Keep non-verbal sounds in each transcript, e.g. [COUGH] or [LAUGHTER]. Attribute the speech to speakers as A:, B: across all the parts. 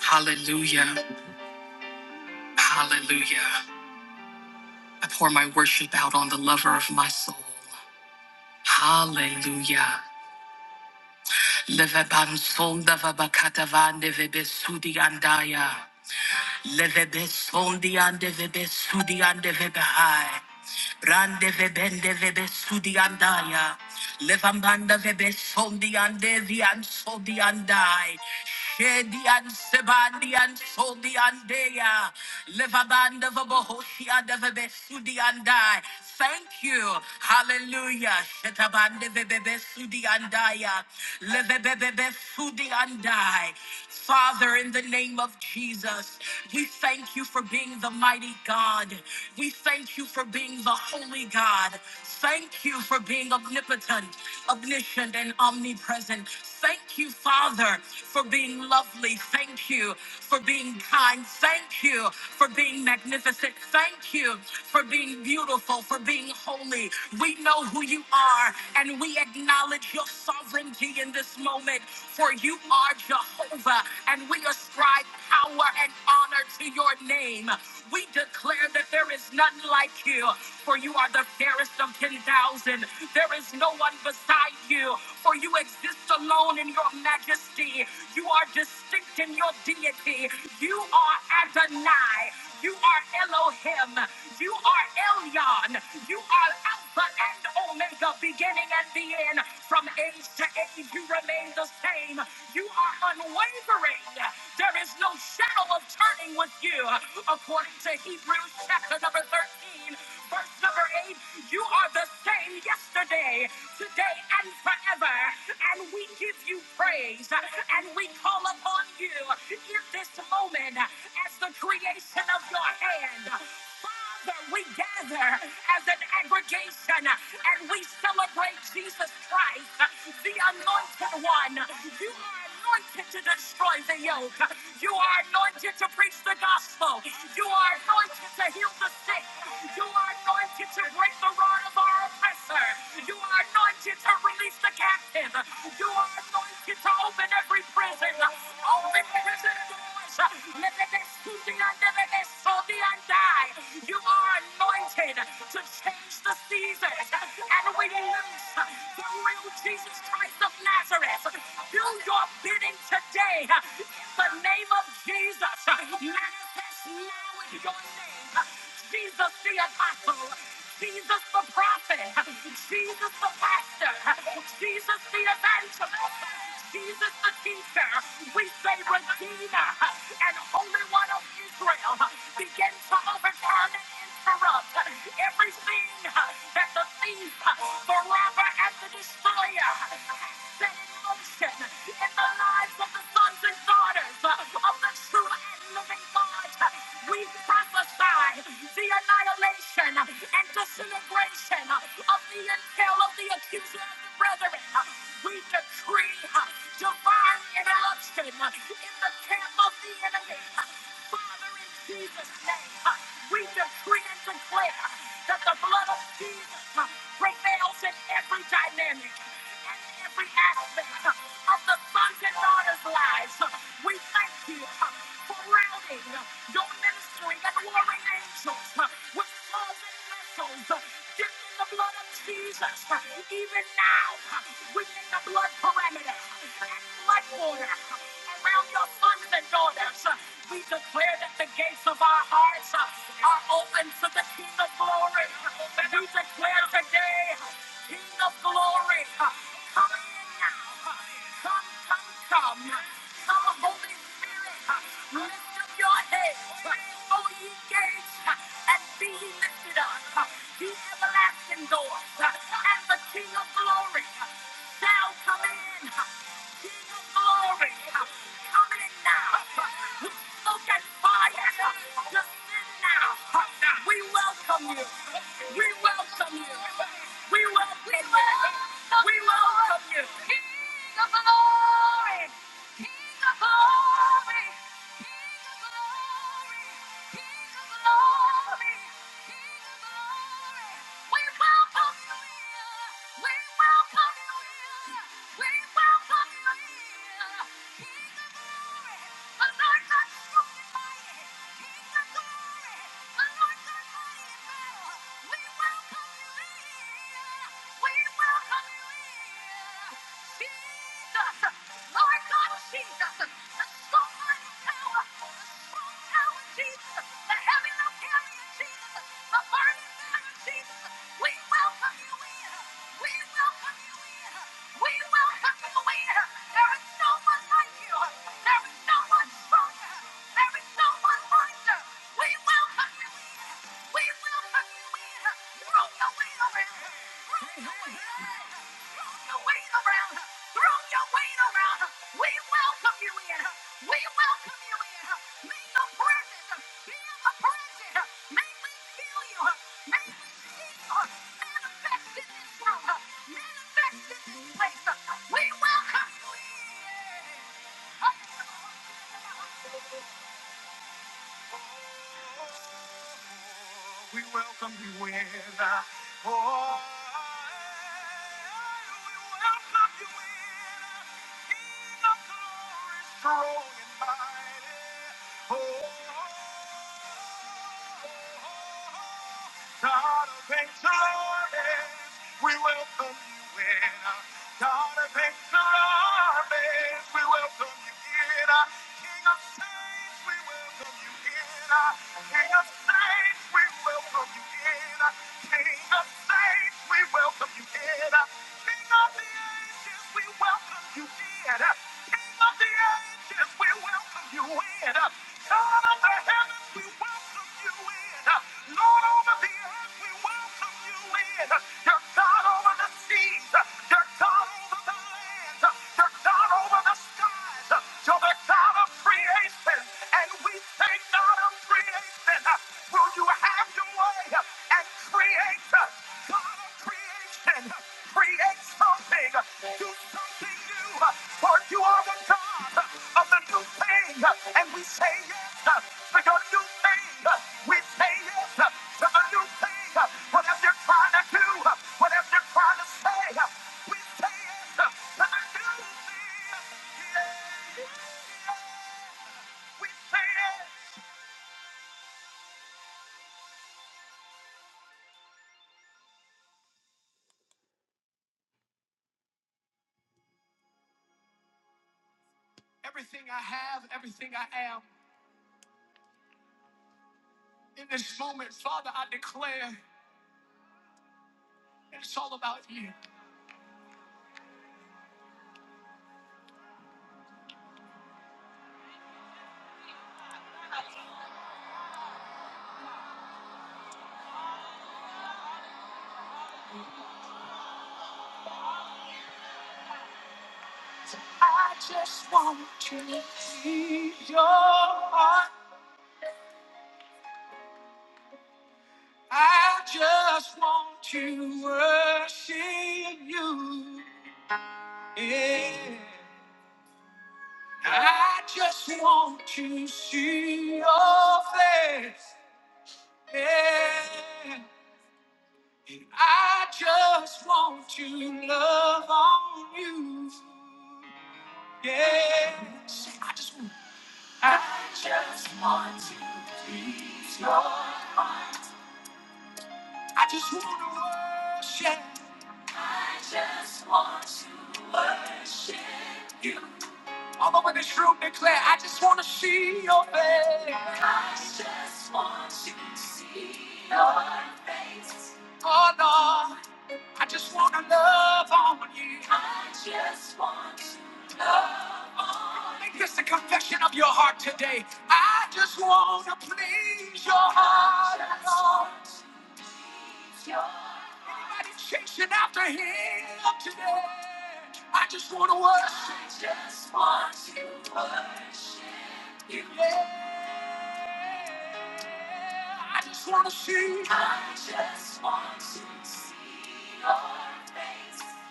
A: Hallelujah. Hallelujah. I pour my worship out on the lover of my soul. Hallelujah. Levebansonda vabakatavande vebesudi andaya, Levebesondi ande, vebesudi ande, Levebanson Brande vebende vebe sudi andaya. Levambanda vebe sondi ande vi an sodi andai. Shedi an sebandi an sodi andeya. Levabanda vabohoshi ande vebe sudi andai. Thank you. Hallelujah. Shetabande vebebe sudi andaya. Levebebebe sudi andai. Father, in the name of Jesus, we thank you for being the mighty God. We thank you for being the holy God. Thank you for being omnipotent, omniscient, and omnipresent. Thank you, Father, for being lovely. Thank you for being kind. Thank you for being magnificent. Thank you for being beautiful, for being holy. We know who you are, and we acknowledge your sovereignty in this moment, for you are Jehovah, and we ascribe power and honor to your name. We declare that there is none like you, for you are the fairest of 10,000. There is no one beside you, for you exist alone in your majesty. You are distinct in your deity. You are Adonai. You are Elohim. You are Elyon. You are Alpha and Omega, beginning and the end. From age to age, you remain the same. You are unwavering. There is no shadow of turning with you. According to Hebrews chapter number 13, verse number 8, you are the same yesterday, today, and forever. And we give you praise and we call upon you in this moment as the creation of your hand. Father, we gather as an aggregation and we celebrate Jesus Christ, the anointed one. You you are anointed to destroy the yoke. You are anointed to preach the gospel. You are anointed to heal the sick. You are anointed to break the rod of our oppressor. You are anointed to release the captive. You are anointed to open every prison. Open prison doors. Let the best who be under the best shall and die. You are anointed to change the seasons. And we lose the real Jesus Christ of Nazareth. Do your bidding today in the name of Jesus. Manifest now in your name. Jesus the apostle, Jesus the prophet, Jesus the pastor, Jesus the evangelist, Jesus the teacher. We say Redeemer and Holy One of Israel. Begin to overturn and interrupt everything seen that the thief, the robber, and the destroyer has set in motion in the lives of the sons and daughters of the true and living God. We prophesy the annihilation and disintegration of the entail of the accuser of the brethren. We decree divine interruption in the camp of the enemy. Father, in Jesus' name. We decree and declare that the blood of Jesus prevails in every dynamic and every aspect of the sons and daughters' lives. We thank you for rounding your ministry and warring angels with swords and vessels dipped in the blood of Jesus. Even now, within the blood perimeter and blood border around your sons and and daughters. Uh, We declare that the gates of our hearts uh, are open to the King of glory. We declare today, King of glory, uh, come in now. Come, come, come. Come, Holy Spirit, uh, lift up your head. uh, O ye gates, uh, and be ye lifted up. uh, Ye everlasting doors, uh, and the King of glory uh, shall come in. King of glory, coming now. look at fire, descend now. We welcome you. We welcome you. We welcome you. We welcome you. King of glory. We welcome you in. Jesus, Lord God Jesus, the sovereign power, the strong power, Jesus, the heavy no carrier, Jesus, the burning banner, Jesus. We welcome you in. We welcome you in. We welcome you in. There is no one like you. There is no one stronger. There is no one wiser. We welcome we will fucking win. We welcome you in. We welcome you be in present. May we feel you. May we see you. Manifest in Manifest in We welcome you in. Oh, We welcome you in. uh, Oh, we welcome you in. King of glory, strong and mighty. Oh, God of victory, we welcome you in. God of victory, we welcome you in. King of saints, we welcome you in. King of saints, we welcome you in. King of saints, we welcome you in. King of the ages, we welcome you did. King of the ages, we welcome you in. God of the heavens, we welcome you in. Lord over the earth, we welcome you in. You're God over the seas. You're God over the lands. You're God over the skies. You're the God of creation. And we say, God of creation, will you have your way? Creator, God of creation, create something, uh, do something new, uh, for you are the God uh, of the new thing, uh, and we say yes to your new thing. uh, We say yes to the new thing. uh, Whatever you're trying to do, uh, whatever you're trying to say, uh, we say yes to the new thing. Yeah. We say yes. In this moment, Father, I declare, I just want you. I just want to worship you. Yeah. I just want to see your face. Yeah. And I just want to love on you. Yes. I just want. I just want to please your heart. I just want to worship. I just want to worship. you. All over this room declare, I just want to see your face. I just want to see your face. Oh Lord, I just want to love on you. I just want to. Make this the confession of your heart today. I just want to please your heart. Lord. Anybody chasing after him today? I just want to worship. you. Yeah, I just wanna see.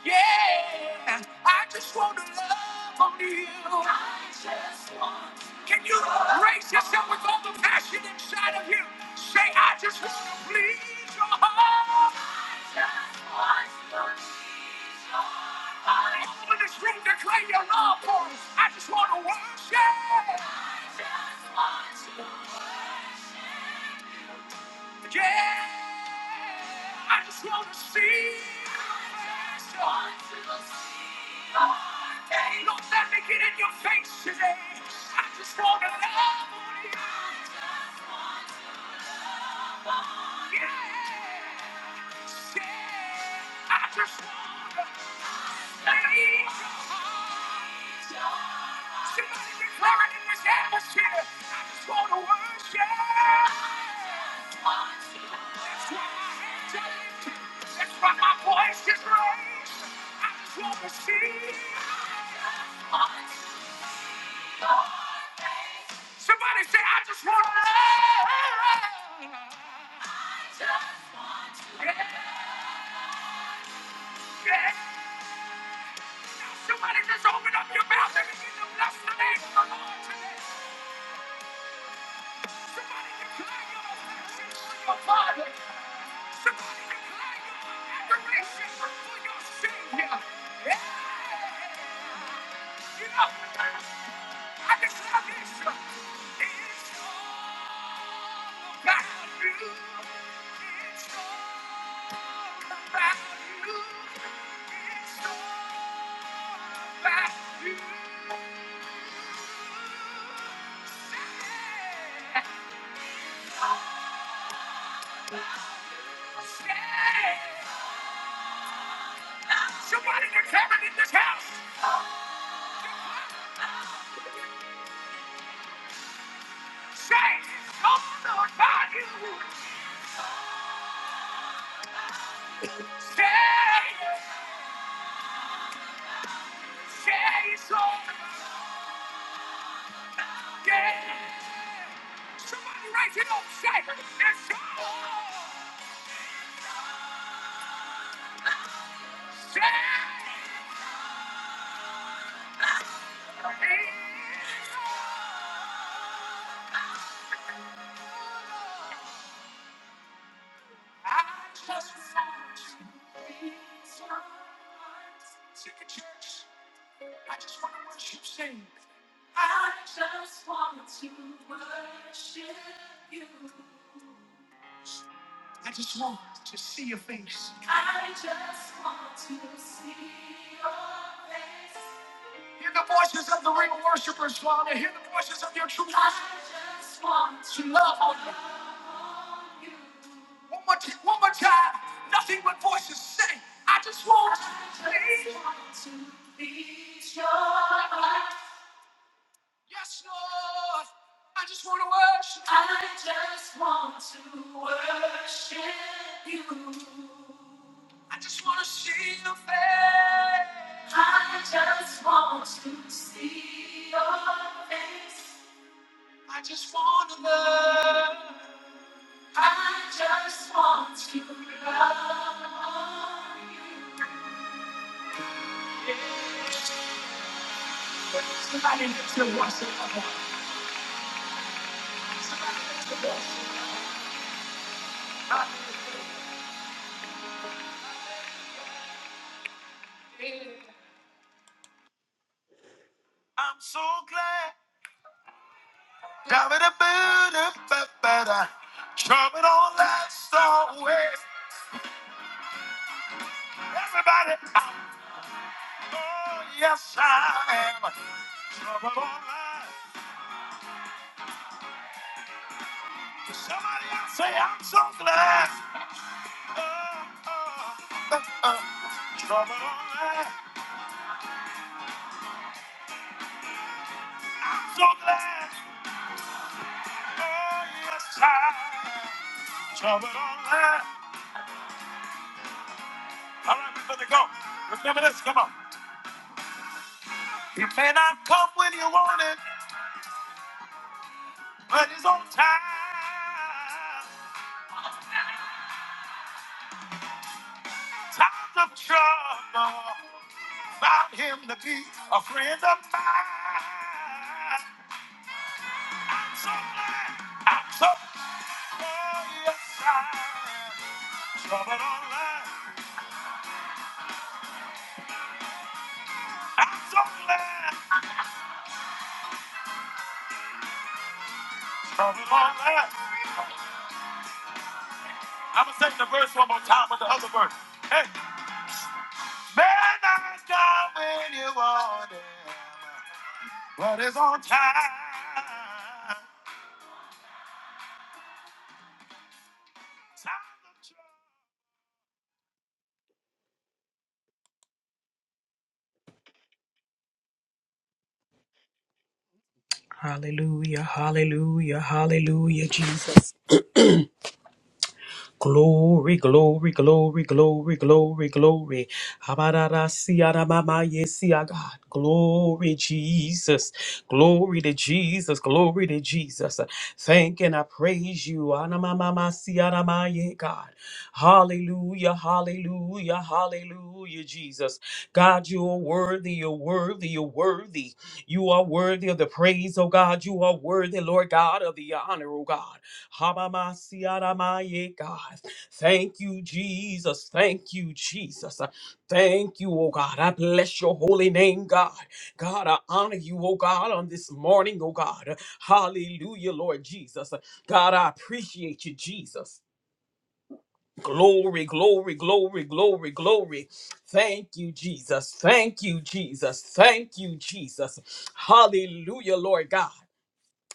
A: Yeah, I just wanna love on you. I just want. Can you raise yourself with all the passion inside of you? Say, I just wanna please your heart. I just want to please your heart. All in this room declare your love for us. I just wanna worship. I just want to worship. Yeah, I just want to see. I just want to see your face. Don't let me get in your face today. I just want to love on you. I just want to love on you. Yeah, yeah, I just want to see your heart. Somebody declare it in this atmosphere. I just want to worship. I just wanna. That's why my voice is raised. I just want to see. Somebody say, I just want to love. Yeah, yeah. Somebody just open up your mouth and begin to bless the name of the Lord today. Somebody declare your affection for your Father. Somebody declare your adoration for your Savior. Yeah. You know, I just love this. It's all about you. It's all about you. It's all about you. Say, somebody declare it in this house. Say, it's all about you. Say, say it's all about you. Yeah! Somebody write it up, say, it's Say, I just want to be someone. I just want to worship you. I just want to see your face. I just want One more time, nothing but voices say, I just want to be. Yes, Lord, I just want to worship. See your face. I just want to love. I'm so glad. Ba-ba-da-ba-da-ba-ba-da. Trouble don't last always. Everybody, oh yes I am. Trouble don't last. Somebody else say I'm so glad. Oh, oh, uh, uh. Trouble don't last. so glad. Oh yes I am. Trouble on land. All right, we're gonna go. Remember this, come on. He may not come when you want it, but he's on time. Times of trouble, found him to be a friend of mine. So glad I took your side. Trouble online, I'm so glad. Trouble online. I'm gonna sing the verse one more time with the other verse. Hey, man, I got when you want him, but it's on time. Times of trouble.
B: Hallelujah, hallelujah, hallelujah, Jesus. Glory, glory, glory, glory, glory, glory. Habarara siara mama yesia God. Glory, Jesus. Glory to Jesus. Glory to Jesus. Thank and I praise you. Anamama siara maye God. Hallelujah, hallelujah, hallelujah, Jesus. God, you are worthy, you're worthy, you're worthy worthy. You are worthy of the praise, oh God. You are worthy, Lord God, of the honor, oh God. Habamasiaramaye, God. Thank you, Jesus. Thank you, Jesus. Thank you, oh God. I bless your holy name, God. God, I honor you, oh God, on this morning, oh God. Hallelujah, Lord Jesus. God, I appreciate you, Jesus. Glory, glory, glory, glory, glory. Thank you, Jesus. Thank you, Jesus. Thank you, Jesus. Hallelujah, Lord God.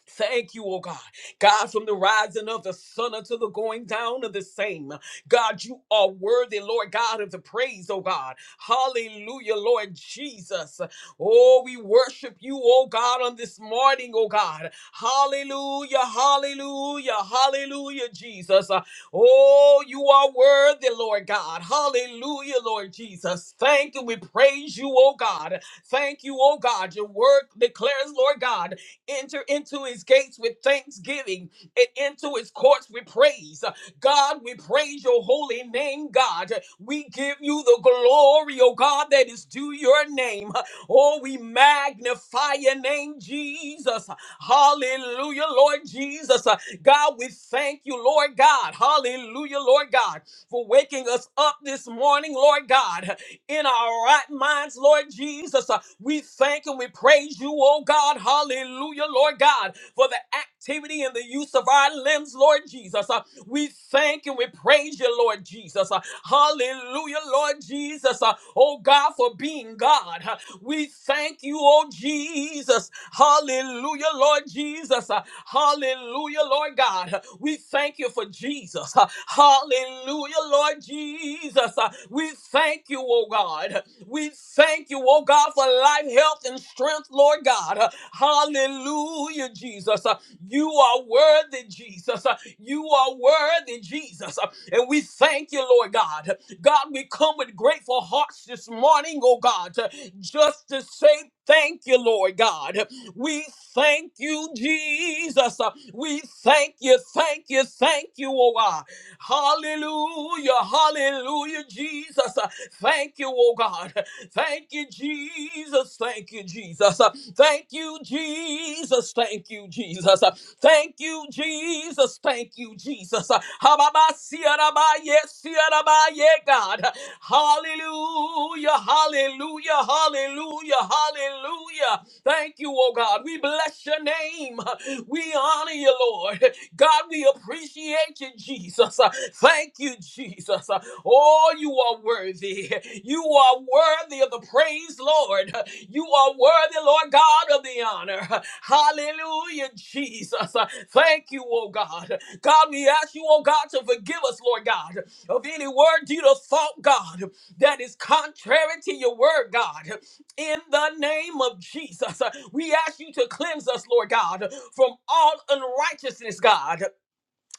B: Thank you, oh God. God, from the rising of the sun until the going down of the same. God, you are worthy, Lord God, of the praise, oh God. Hallelujah, Lord Jesus. Oh, we worship you, oh God, on this morning, oh God. Hallelujah, hallelujah, hallelujah, Jesus. Oh, you are worthy, Lord God. Hallelujah, Lord Jesus. Thank you. We praise you, oh God. Thank you, oh God. Your word declares, Lord God enter into his gates with thanksgiving and into his courts with praise. God, we praise your holy name, God. We give you the glory, oh God, that is due your name. Oh, we magnify your name, Jesus. Hallelujah, Lord Jesus. God, we thank you, Lord God. Hallelujah, Lord God, for waking us up this morning, Lord God in our right minds, Lord Jesus. Uh, We thank and we praise you, oh God. Hallelujah, Lord God, for the activity and the use of our limbs, Lord Jesus. Uh, We thank and we praise you, Lord Jesus. Uh, Hallelujah, Lord Jesus. Uh, Oh God, for being God. Uh, we thank you, oh Jesus. Hallelujah, Lord Jesus. Uh, Hallelujah, Lord God. Uh, We thank you for Jesus. Uh, Hallelujah, Lord Jesus. Uh, We thank you, oh God. We thank you, oh God, for life, health, and strength, Lord God. Uh, Hallelujah, Jesus. Uh, You are worthy, Jesus. Uh, You are worthy, Jesus. Uh, And we thank you, Lord God. God, we come with grateful hearts this morning, oh God. to just to say thank you, Lord God. We thank you, Jesus. We thank you, thank you, thank you, oh God. Hallelujah. Hallelujah, Jesus. Thank you, oh God. Thank you, Jesus. Thank you, Jesus. Thank you, Jesus. Thank you, Jesus. Thank you, Jesus. Thank you, Jesus. Hababasiyarabaye, siyarabaye, God. Hallelujah. Hallelujah. Hallelujah. Hallelujah. Thank you, oh God. We bless your name. We honor you, Lord. God, we appreciate you, Jesus. Uh, Thank you, Jesus. Uh, Oh, you are worthy. You are worthy of the praise, Lord. Uh, You are worthy, Lord God, of the honor. Uh, Hallelujah, Jesus. Uh, Thank you, oh God. God, we ask you, oh God, to forgive us, Lord God, of any word, deed, or thought, God, that is contrary to your word, God in the name of Jesus. Uh, We ask you to cleanse us, Lord God, from all unrighteousness, God,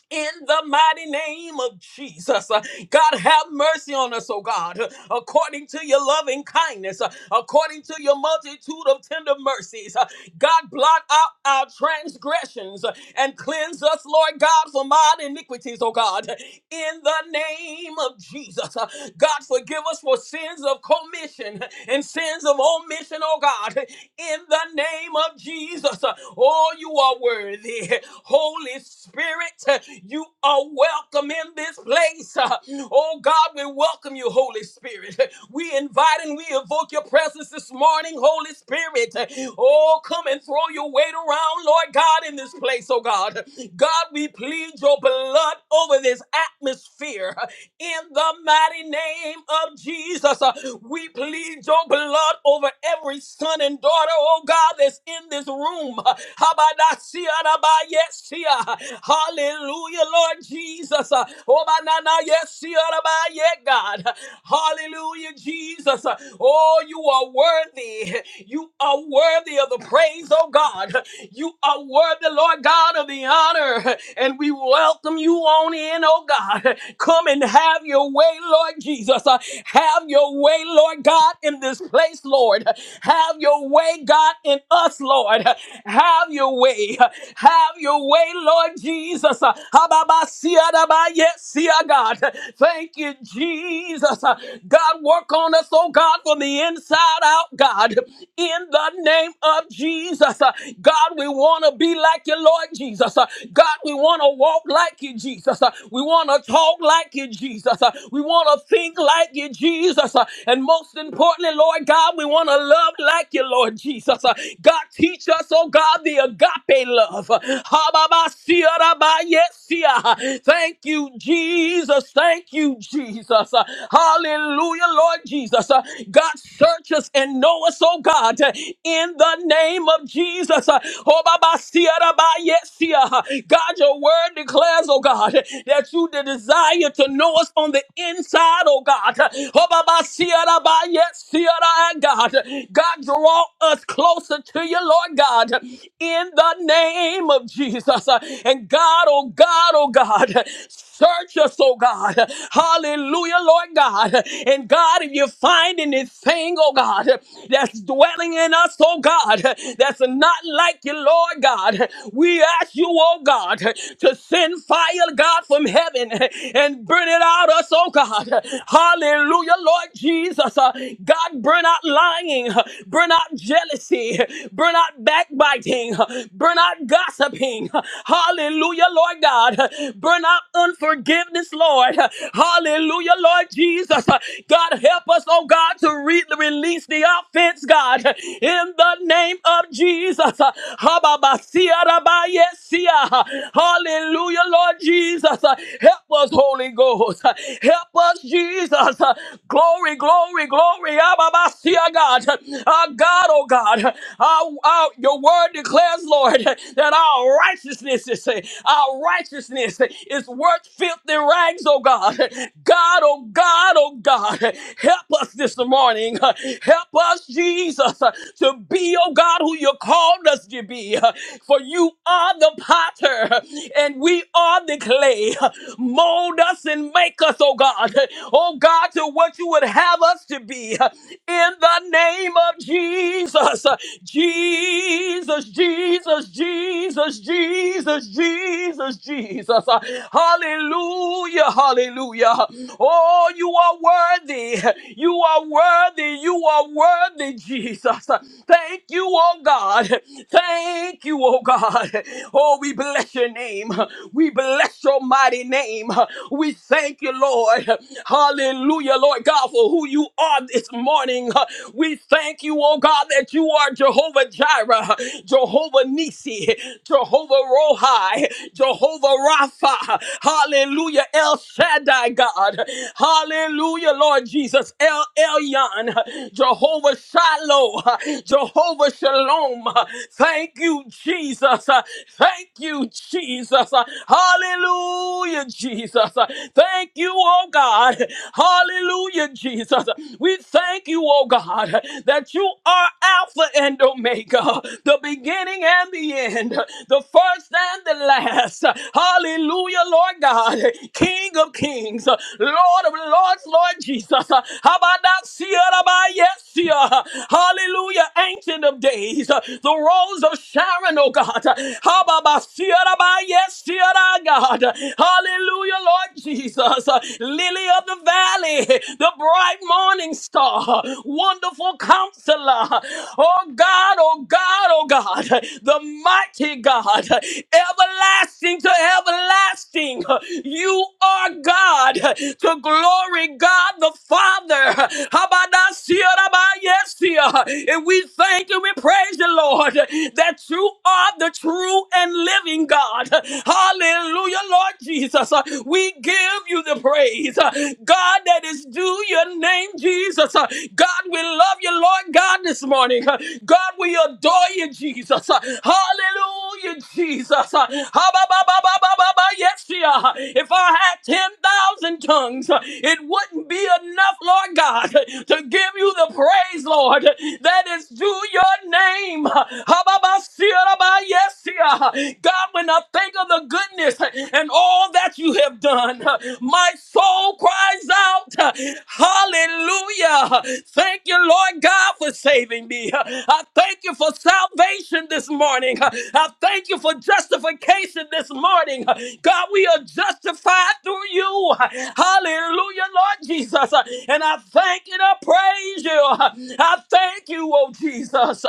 B: in the mighty name of Jesus. Uh, God, have mercy on us, oh God, according to your loving kindness, uh, according to your multitude of tender mercies. uh, God, blot out our transgressions and cleanse us, Lord God, from our iniquities, oh God. In the name of Jesus, God, forgive us for sins of commission and sins of omission, oh God. In the name of Jesus, oh, you are worthy. Holy Spirit, you are welcome in this place. Oh God, we welcome you, Holy Spirit. We invite and we evoke your presence this morning, Holy Spirit. Oh, come come and throw your weight around, Lord God, in this place, oh God. God, we plead your blood over this atmosphere in the mighty name of Jesus. Uh, We plead your blood over every son and daughter, oh God, that's in this room. Uh, Habadasia rabayesia. Hallelujah, Lord Jesus. Uh, Obananayesia rabaye, God. Hallelujah, Jesus. Uh, Oh, you are worthy. You are worthy of the praise praise, oh God. You are worthy, Lord God, of the honor, and we welcome you on in, oh God. Come and have your way, Lord Jesus. Uh, Have your way, Lord God, in this place, Lord. Have your way, God, in us, Lord. Have your way. Have your way, Lord Jesus. Uh, Hababasiadaba, Yes, see, uh, God. Thank you, Jesus. Uh, God, work on us, oh God, from the inside out, God in the name of Jesus. Jesus. Uh, God, we want to be like you, Lord Jesus. Uh, God, we want to walk like you, Jesus. Uh, We want to talk like you, Jesus. Uh, We want to think like you, Jesus. Uh, And most importantly, Lord God, we want to love like you, Lord Jesus. Uh, God, teach us, oh God, the agape love. Uh, ha ba ba Thank you, Jesus. Thank you, Jesus. Uh, Hallelujah, Lord Jesus. Uh, God, search us and know us, oh God, in the name name of Jesus. Uh, oh, baba ba, sia, da, ba, yes, sia. God, your word declares, oh God, that you the desire to know us on the inside, oh God. Oh, baba ba, sia, da, yes, sia, da, God. God, draw us closer to you, Lord God, in the name of Jesus. Uh, And God, oh God, oh God, Search us, oh God. Hallelujah, Lord God. And God, if you find anything, oh God, that's dwelling in us, oh God, that's not like you, Lord God. We ask you, oh God, to send fire, God, from heaven and burn it out us, oh God. Hallelujah, Lord Jesus. Uh, God, burn out lying, burn out jealousy, burn out backbiting, burn out gossiping. Hallelujah, Lord God. Burn out unforgiveness, Lord. Hallelujah, Lord Jesus. God, help us, oh God, to re- release the offense, God, in the name of of Jesus. Uh, Hababasiyarabayesia. Hallelujah, Lord Jesus. Uh, Help us, Holy Ghost. Uh, Help us, Jesus. Uh, Glory, glory, glory. Ababasiya, God. Our God, oh God. Our, our, your word declares, Lord, that our righteousness is our righteousness is worth filthy rags, oh God. God, oh God, oh God. Help us this morning. Help us, Jesus, to be, oh God. God who you called us to be. uh, For you are the potter and we are the clay. Mold us and make us, oh God. Oh God, to what you would have us to be. In the name of Jesus. Jesus, Jesus, Jesus, Jesus, Jesus, Jesus. Hallelujah, hallelujah. Oh, you are worthy. You are worthy. You are worthy, Jesus. Thank you, oh God. Thank you, oh God. Oh, we bless your name. We bless your mighty name. We thank you, Lord. Hallelujah, Lord God, for who you are this morning. We thank you, oh God, that you are Jehovah Jireh, Jehovah Nisi, Jehovah Rohi, Jehovah Rapha. Hallelujah, El Shaddai, God. Hallelujah, Lord Jesus, El Elyon, Jehovah Shiloh, Jehovah Shalom shalom. Thank you, Jesus. Thank you, Jesus. Hallelujah, Jesus. Thank you, oh God. Hallelujah, Jesus. We thank you, oh God, that you are Alpha and Omega, the beginning and the end, the first and the last. Hallelujah, Lord God, King of kings, Lord of lords, Lord Jesus. How about that? Hallelujah, ancient of days, uh, the rose of Sharon, oh God. Hababasia, Rabayesia, God. Hallelujah, Lord Jesus, uh, lily of the valley, the bright morning star, wonderful counselor. Oh God, oh God, oh God, the mighty God, everlasting to everlasting everlasting. You are God to glory God the Father. Habadasirabayesia. And we thank and we praise you, Lord, that you are the true and living God. Hallelujah, Lord Jesus. We give you the praise. God, that is due your name, Jesus. God, we love you, Lord God this morning. God, we adore you, Jesus. Hallelujah, Jesus. Ha, ba, ba, ba, ba, ba, ba, ba, Yes, yeah. If I had 10,000 tongues, it wouldn't be enough, Lord God, to give you the praise, Lord, that is due your name. Ha, ba, ba, sia, ba, Yes, yeah. God, when I think of the goodness and all that you have have done. My soul cries out, Hallelujah. Thank you, Lord God, for saving me. I thank you for salvation this morning. I thank you for justification this morning. God, we are justified through you. Hallelujah, Lord Jesus. And I thank you and I praise you. I thank you, oh Jesus.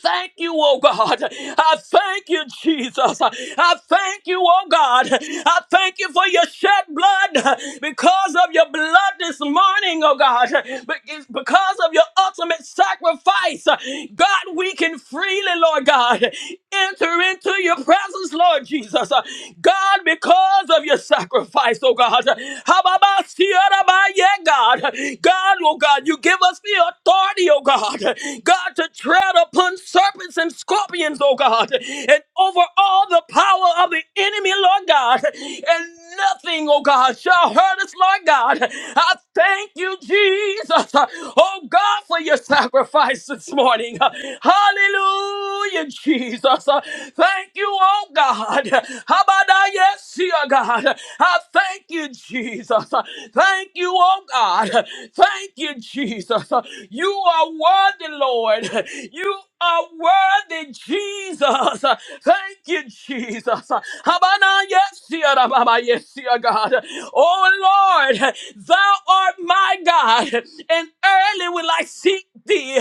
B: Thank you, oh God. I thank you, Jesus. I thank you, oh God. I thank you for your shed blood because of your blood this morning, oh God. Be- Because of your ultimate sacrifice, God, we can freely, Lord God, enter into your presence, Lord Jesus. God, because of your sacrifice, oh God. Hababasiyarabaye, God. God, oh God, you give us the authority, oh God. God, God, to tread upon serpents and scorpions, oh God, and over all the power of the enemy, Lord God, and nothing, oh God, shall hurt us, Lord God. I thank you, Jesus, oh God, for your sacrifice this morning. Hallelujah, Jesus. Thank you, oh God. Habada, yes, dear God. I thank you, Jesus. Thank you, oh God. Thank you, Jesus. You are worthy, Lord. You are worthy, Jesus. Thank you, Jesus. Habana, yes, yeah, da, yes, yeah, God. Oh, Lord, thou art my God, and early will I seek thee.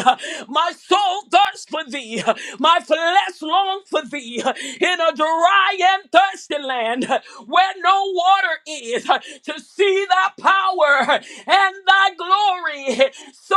B: My soul thirsts for thee. My flesh longs for thee in a dry and thirsty land where no water is to see thy power and thy glory so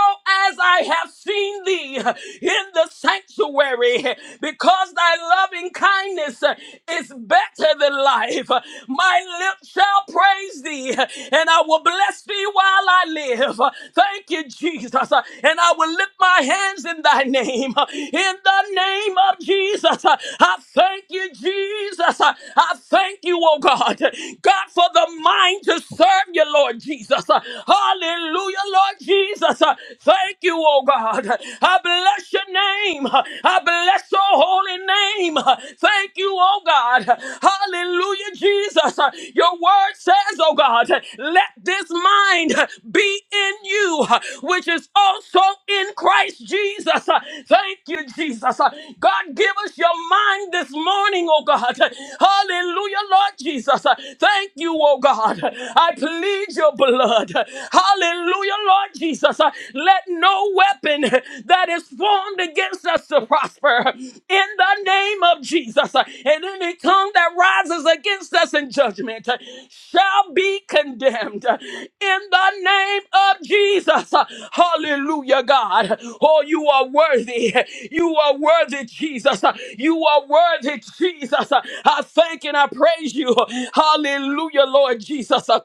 B: as I have seen thee in the sanctuary, because thy loving kindness is better than life. My lips shall praise thee, and I will bless thee while I live. Thank you, Jesus. And I will lift my hands in thy name. In the name of Jesus, I thank you, Jesus. I thank you, oh God. God, for the mind to serve you, Lord Jesus. Hallelujah. Hallelujah, Lord Jesus. Uh, Thank you, oh God. I bless your name. I bless your holy name. Uh, Thank you, oh God. Hallelujah, Jesus. Uh, Your word says, oh God, let this mind be in you, uh, which is also in Christ Jesus. Uh, Thank you, Jesus. Uh, God, give us your mind this morning, oh God. Hallelujah, Lord Jesus. Uh, Thank you, oh God. I plead your blood blood. Hallelujah, Lord Jesus. Uh, Let no weapon that is formed against us to prosper in the name of Jesus. Uh, And any tongue that rises against us in judgment uh, shall be condemned uh, in the name of Jesus. Uh, Hallelujah, God. Oh, you are worthy. You are worthy, Jesus. Uh, You are worthy, Jesus. Uh, I thank and I praise you. Hallelujah, Lord Jesus.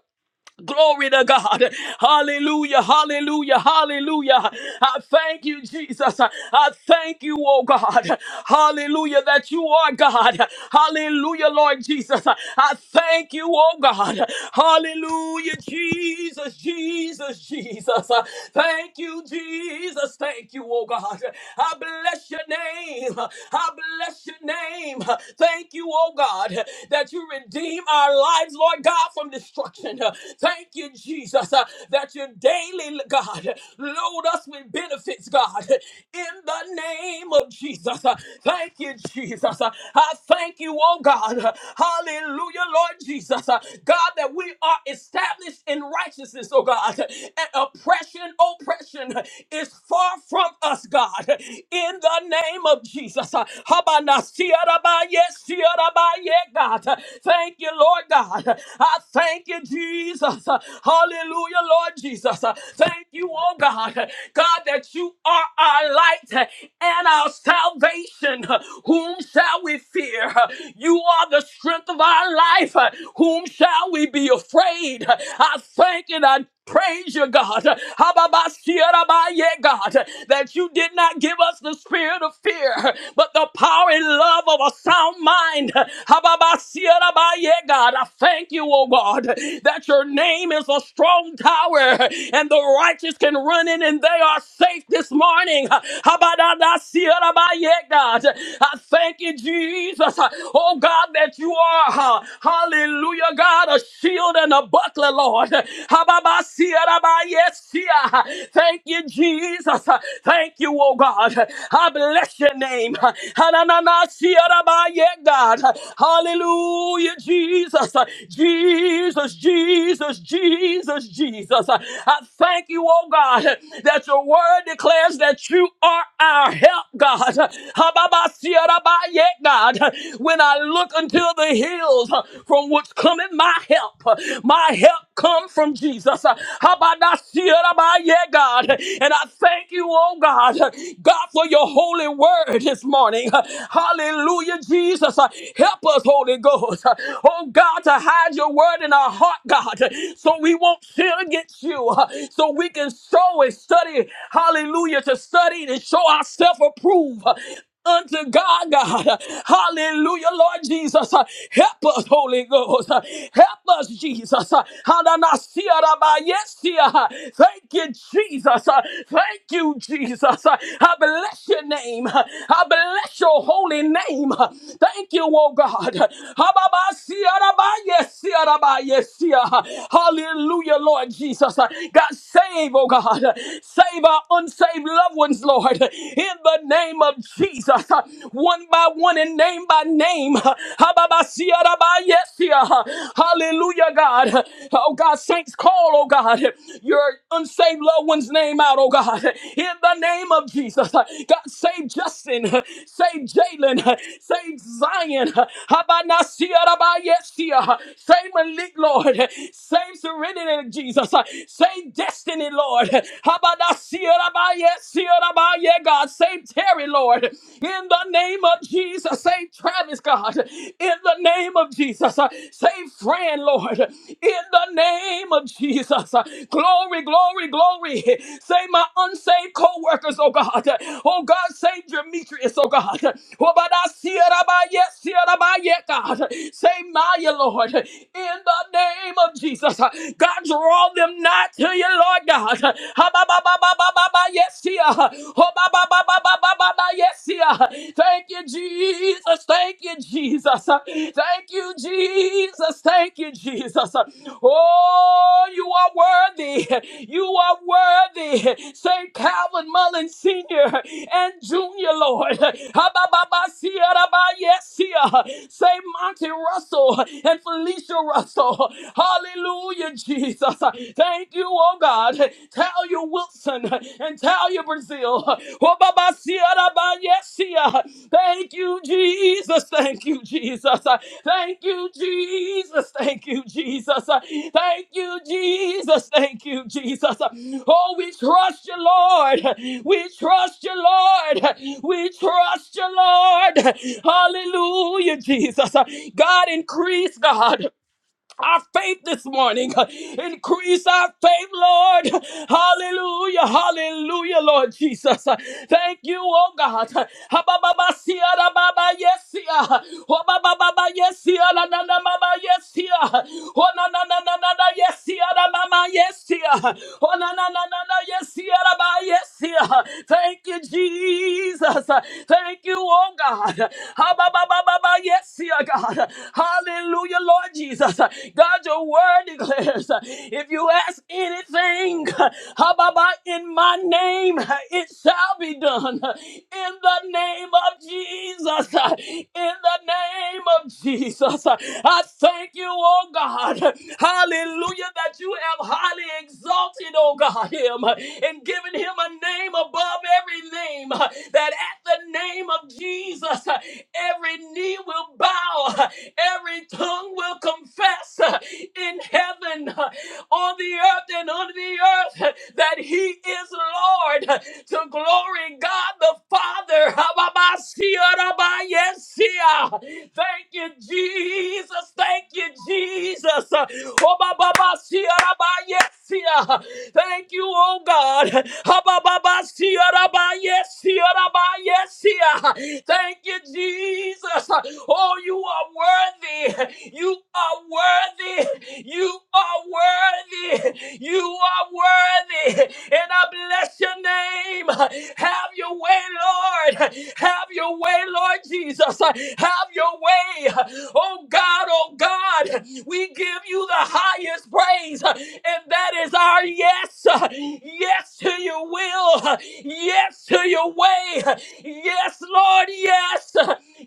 B: Glory to God. Hallelujah. Hallelujah. Hallelujah. I thank you, Jesus. I thank you, oh God. Hallelujah, that you are God. Hallelujah, Lord Jesus. I thank you, oh God. Hallelujah, Jesus, Jesus, Jesus. Thank you, Jesus. Thank you, oh God. I bless your name. I bless your name. Thank you, oh God, that you redeem our lives, Lord God, from destruction. Thank you, Jesus, uh, that you daily, God, load us with benefits, God, in the name of Jesus. Uh, Thank you, Jesus. Uh, I thank you, oh God. Uh, Hallelujah, Lord Jesus. Uh, God, that we are established in righteousness, oh God. And oppression, oppression is far from us, God, in the name of Jesus. Uh, Habanasiarabaye, siarabaye, God. Thank you, Lord God. I thank you, Jesus. Jesus. Hallelujah, Lord Jesus. Thank you, oh God. God, that you are our light and our salvation. Whom shall we fear? You are the strength of our life. Whom shall we be afraid? I thank and I praise you, God. Hababasirabaye, God, that you did not give us the spirit of fear, but the power and love of a sound mind. Hababasirabaye, God, I thank you, oh God, that that your name is a strong tower and the righteous can run in and they are safe this morning. Habadadasirabaye, God. I thank you, Jesus. Oh God, that you are, hallelujah, God, a shield and a buckler, Lord. Hababasirabaye, sia. Thank you, Jesus. Thank you, oh God. I bless your name. Hananasirabaye, God. Hallelujah, Jesus. Jesus, Jesus, Jesus, Jesus. I I thank you, oh God, that your word declares that you are our help, God. Ha-ba-ba-sia-da-ba-ye, God, when I look unto the hills uh, from which cometh my help, uh, my help come from Jesus. Uh, Ha-ba-da-sia-da-ba-ye, God, and I thank you, oh God, uh, God, for your holy word this morning. Uh, Hallelujah, Jesus. Uh, Help us, Holy Ghost. Uh, Oh God, to hide your word in our heart, God, so we won't sin against you, so we can show and study, hallelujah, to study and show ourselves approved. Unto God, God, hallelujah, Lord Jesus, help us, Holy Ghost, help us, Jesus. Hananasiarabayesia. Thank you, Jesus. Thank you, Jesus. I bless your name. I bless your holy name. Thank you, oh God. Yes, yeah, rabbi, yes, yeah. Hallelujah, Lord Jesus. uh, God, save, oh God. Save our unsaved loved ones, Lord. In the name of Jesus. uh, One by one and name by name. Hababa, sia, rabbi, yes, yeah. Hallelujah, God. Oh God, saints, call, oh God, your unsaved loved one's name out, oh God. In the name of Jesus. uh, God, save Save Justin. [LAUGHS] Save Jalen. [LAUGHS] Save Zion. [LAUGHS] Habanasiarabayesia. Save Malik, Lord. [LAUGHS] Save Serenity, Jesus. [LAUGHS] Save Destiny, Lord. [LAUGHS] Habanasiarabayesiarabaye, God. Save Terry, Lord. In the name of Jesus. Save Travis, God. In the name of Jesus. [LAUGHS] Save Fran, Lord. In the name of Jesus. Jesus. Glory, glory, glory. Save my unsaved co workers, oh God. Oh God, save Demetrius, oh God. Oh, but I see it, I buy it, see it, I buy it, God. Save Maya, Lord, in the name of Jesus. God, draw them not to you, Lord God. Ha, ba, ba, ba, ba, ba, ba, ba, Yes, yeah. Oh, ba, ba, ba, ba, ba, ba, ba, ba, yes, yeah. Thank you, Jesus. Thank Thank you, Jesus. Thank you, Jesus. Thank you, Jesus. Oh, you are worthy. You are worthy. St. Calvin Mullen Sr. and Jr., Lord. St. Monty Russell and Felicia Russell. Hallelujah, Jesus. Thank you, oh God. Talia Wilson and tell you, Brazil. [LAUGHS] Thank you, Jesus. Thank you, Jesus. Thank you, Jesus. Thank you, Jesus. Thank you, Jesus. Thank you, Jesus. Oh, we trust you, Lord. We trust you, Lord. We trust you, Lord. Hallelujah, Jesus. God, increase, God our faith this morning. Increase our faith, Lord. Hallelujah. Hallelujah, Lord Jesus. Thank you, oh God. Ha, ba, ba, ba, sia, da, ba, ba, Yes, sia. Ho, ba, ba, ba, ba, yes, sia, la, na, na, ma, ma, yes, sia. Ho, na, na, na, na, na, na, yes, sia, da, ma, ma, yes, sia. Ho, na, na, na, na, na, yes, sia, da, ba, yes, sia. Thank you, Jesus. Thank you, oh God. Ha ba ba Yes, dear God. Hallelujah, Lord Jesus. God, your word declares if you ask anything Hababa, in my name, it shall be done. In the name of Jesus. In the name of Jesus. I thank you, oh God. Hallelujah, that you have highly exalted, oh God, him and given him a name above every name, uh, that at the name of Jesus, uh, every knee will bow, uh, every tongue will confess uh, in heaven, uh, on the earth, and under the earth uh, that He is Lord. uh, To glory God the Father. Abba-ba-sia-ra-ba-yesia. Thank you, Jesus. Thank you, Jesus. Oh, ba, ba, ba, sia, ra, yes, sia. Thank you, oh God. ha ba ba ba Yes, sia ba yes, sia. Thank you, Jesus. Oh, you are worthy. You are worthy. You are worthy. You are worthy. And I bless your name. Have your way, Lord. Have your way, Lord Jesus. Have your way. Oh God, oh God. We give you the highest praise praise. And that is our yes. Yes to your will. Yes to your way. Yes, Lord, yes.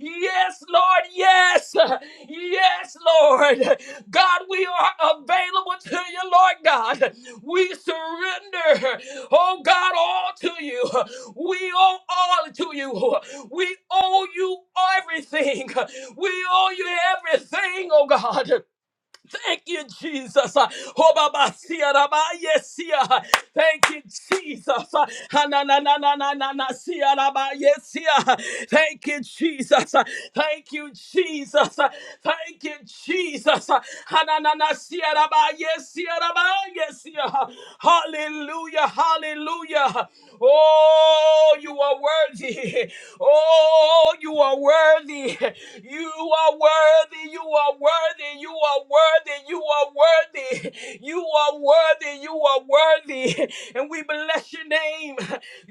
B: Yes, Lord, yes. Yes, Lord. God, we are available to you, Lord God. We surrender, oh God, all to you. We owe all to you. We owe you everything. We owe you everything, oh God. Thank you, Jesus. Uh, Hobabasia rabayesia. Thank you, Jesus. Uh, hananananananasia rabayesia. Thank you, Jesus. Uh, Thank you, Jesus. Uh, Thank you, Jesus. Uh, hanananasia rabayesia rabayesia. Hallelujah. Hallelujah. Oh, you are worthy. [LAUGHS] worthy. Oh, you are worthy. You are worthy. You are worthy. You are worthy. You are worthy. You are worthy. You are worthy. And we bless your name.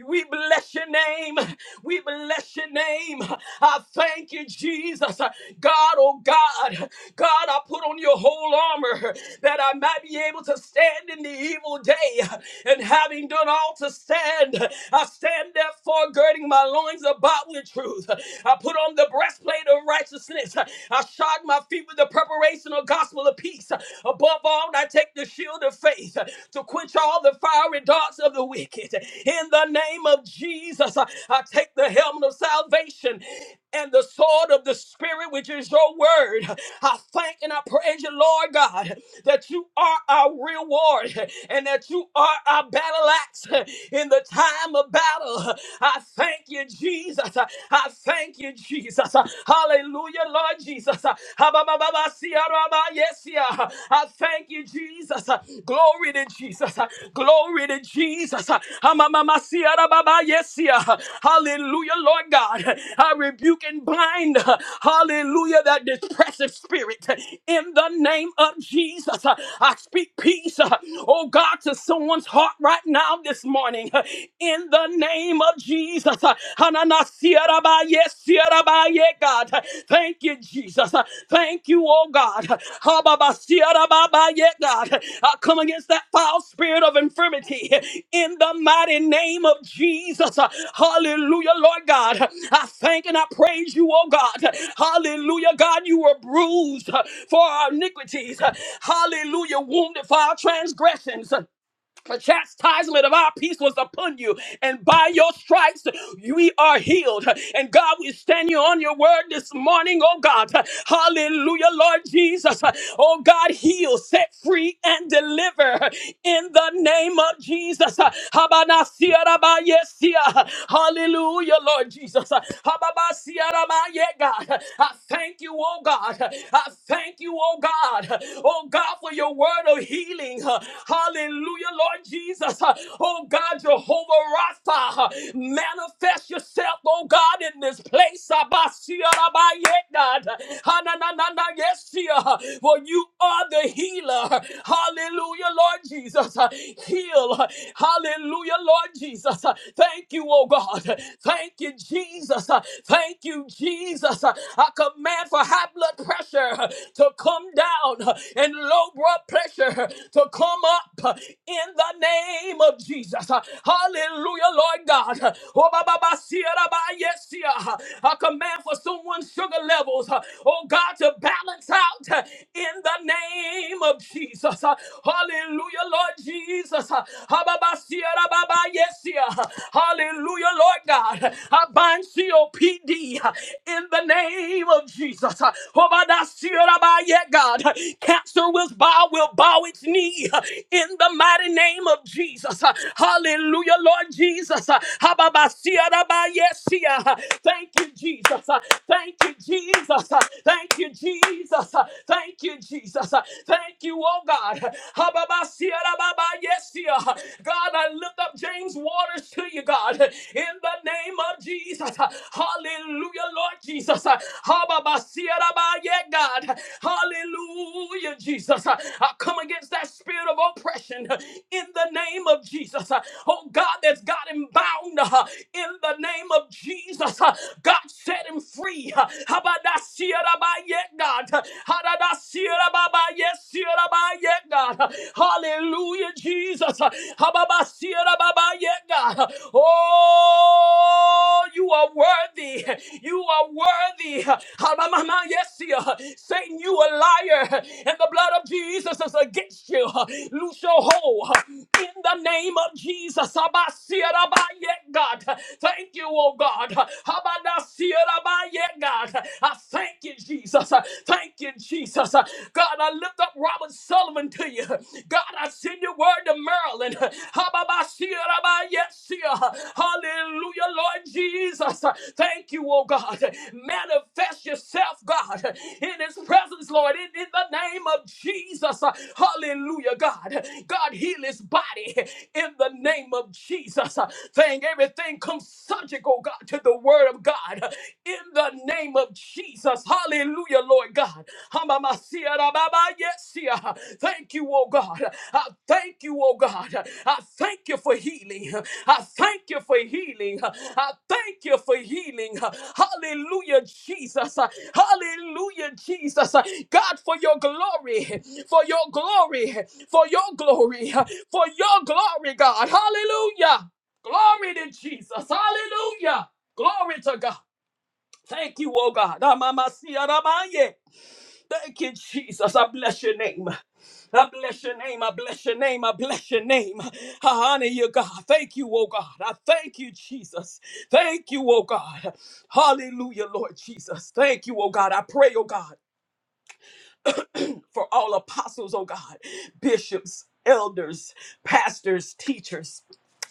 B: We bless your name. We bless your name. I thank you, Jesus. God, oh God. God, I put on your whole armor that I might be be able to stand in the evil day. And having done all to stand, I stand therefore girding my loins about with truth. I put on the breastplate of righteousness. I shod my feet with the preparation of gospel of peace. Above all, I take the shield of faith to quench all the fiery darts of the wicked. In the name of Jesus, I take the helmet of salvation and the sword of the Spirit, which is your word. I thank and I praise you, Lord God, that you are our reward and that you are our battle axe in the time of battle. I thank you, Jesus. I thank you, Jesus. Hallelujah, Lord Jesus. Ha, ba, ba, ba, ba, si, ah, yes, yeah. I thank you, Jesus. Glory to to Jesus. Glory to Jesus. Yes, yeah. Hallelujah, Lord God. I rebuke and blind, hallelujah, that depressive spirit in the name of Jesus. I speak peace, oh God, to someone's heart right now this morning in the name of Jesus. Hananasiaraba, yes, Ah, yeah, God. Thank you, Jesus. Thank you, oh God. Ha, ba, ba, si, ya, da, ba, ba, yeah, God. I come against that foul spirit of infirmity in the mighty name of Jesus. Hallelujah, Lord God. I thank and I praise you, oh God. Hallelujah, God. You were bruised for our iniquities. Hallelujah, wounded for our transgressions. The chastisement of our peace was upon you, and by your stripes we are healed. And God, we stand you on your word this morning, oh God. Hallelujah, Lord Jesus. Oh God, heal, set free, and deliver in the name of Jesus. Habanasia rabayesia. Hallelujah, Lord Jesus. Hababasia rabaye, God. I thank you, oh God. I thank you, oh God. Oh God, for your word of healing. huh. Hallelujah, Lord Jesus. huh. Oh God, Jehovah Rapha, huh. manifest yourself, oh God, in this place. Abasia rabayeta, huh. Hananana, Yes, dear, huh. for you are the healer. huh. Hallelujah, Lord Jesus. huh. Heal. huh. Hallelujah, Lord Jesus. huh. Thank you, oh God. Thank you, Jesus. huh. Thank you, Jesus. Uh, I command for high blood pressure to come down and low blood pressure to come up in the name of Jesus. Hallelujah, Lord God. Oh, ba, ba, ba, see, da, ba, yes, see, ah. I command for someone's sugar levels, oh God, to balance out in the name of Jesus. Hallelujah, Lord Jesus. Ha, ba, ba, see, da, ba, ba, yes, see, ah. Hallelujah, Lord God. I bind COPD uh, in the name of Jesus. Uh, oh, my God, see it, I bind it, God, Uh, cancer will bow, will bow its knee uh, in the mighty name of Jesus. Uh, Hallelujah, Lord Jesus. Uh, ha, ba, ba, see it, I bind it, see it. Uh, Thank you, Jesus. Uh, Thank you, Jesus. Uh, Thank you, Jesus. Uh, Thank you, Jesus. Uh, Thank you, oh God. Ha, ba, ba, see it, I bind it, see it. God, I lift up James Waters to you, God, in the name of Jesus. Hallelujah, Lord Jesus. Hababasirabaye, God. Hallelujah, Jesus. I come against that spirit of oppression in the name of Jesus. Oh, God, that's got him bound in the name of Jesus. God set him free. Habadasirabaye, God. Hadadasirabaye, sirabaye, yet, God. Hallelujah, Jesus. Hababasiera baba yet, God. Oh, you are worthy. You are worthy. Habamama yesia. Satan, you a liar. And the blood of Jesus is against you. Loose your hold. In the name of Jesus. Habasiera baba yet, God. Thank you, oh God. Habadasiera baba yet, God. I thank you, Jesus. Uh, Thank you, Jesus. Uh, God, I lift up Robert Sullivan to you. God, I send your word to Maryland. [LAUGHS] Hallelujah, Lord Jesus. Uh, Thank you, oh God. Manifest yourself, God, in his presence, Lord, in, in the name of Jesus. Uh, Hallelujah, God. God, heal his body in the name of Jesus. Thank everything comes subject, oh God, to the word of God of God in the name of Jesus. Hallelujah, Lord God. Hamamasia rababa, yes, yeah. Thank you, oh God. I thank you, oh God. I thank you for healing. I thank you for healing. I thank you for healing. Hallelujah, Jesus. Hallelujah, Jesus. God, for your glory, for your glory, for your glory, for your glory, God. Hallelujah. Glory to Jesus. Hallelujah. Glory to God. Thank you, oh God. Amamasia ramaye. Thank you, Jesus. I bless your name. I bless your name. I bless your name. I bless your name. I honor you, God. Thank you, oh God. I thank you, Jesus. Thank you, oh God. Hallelujah, Lord Jesus. Thank you, oh God. I pray, oh God, for all apostles, oh God, bishops, elders, pastors, teachers.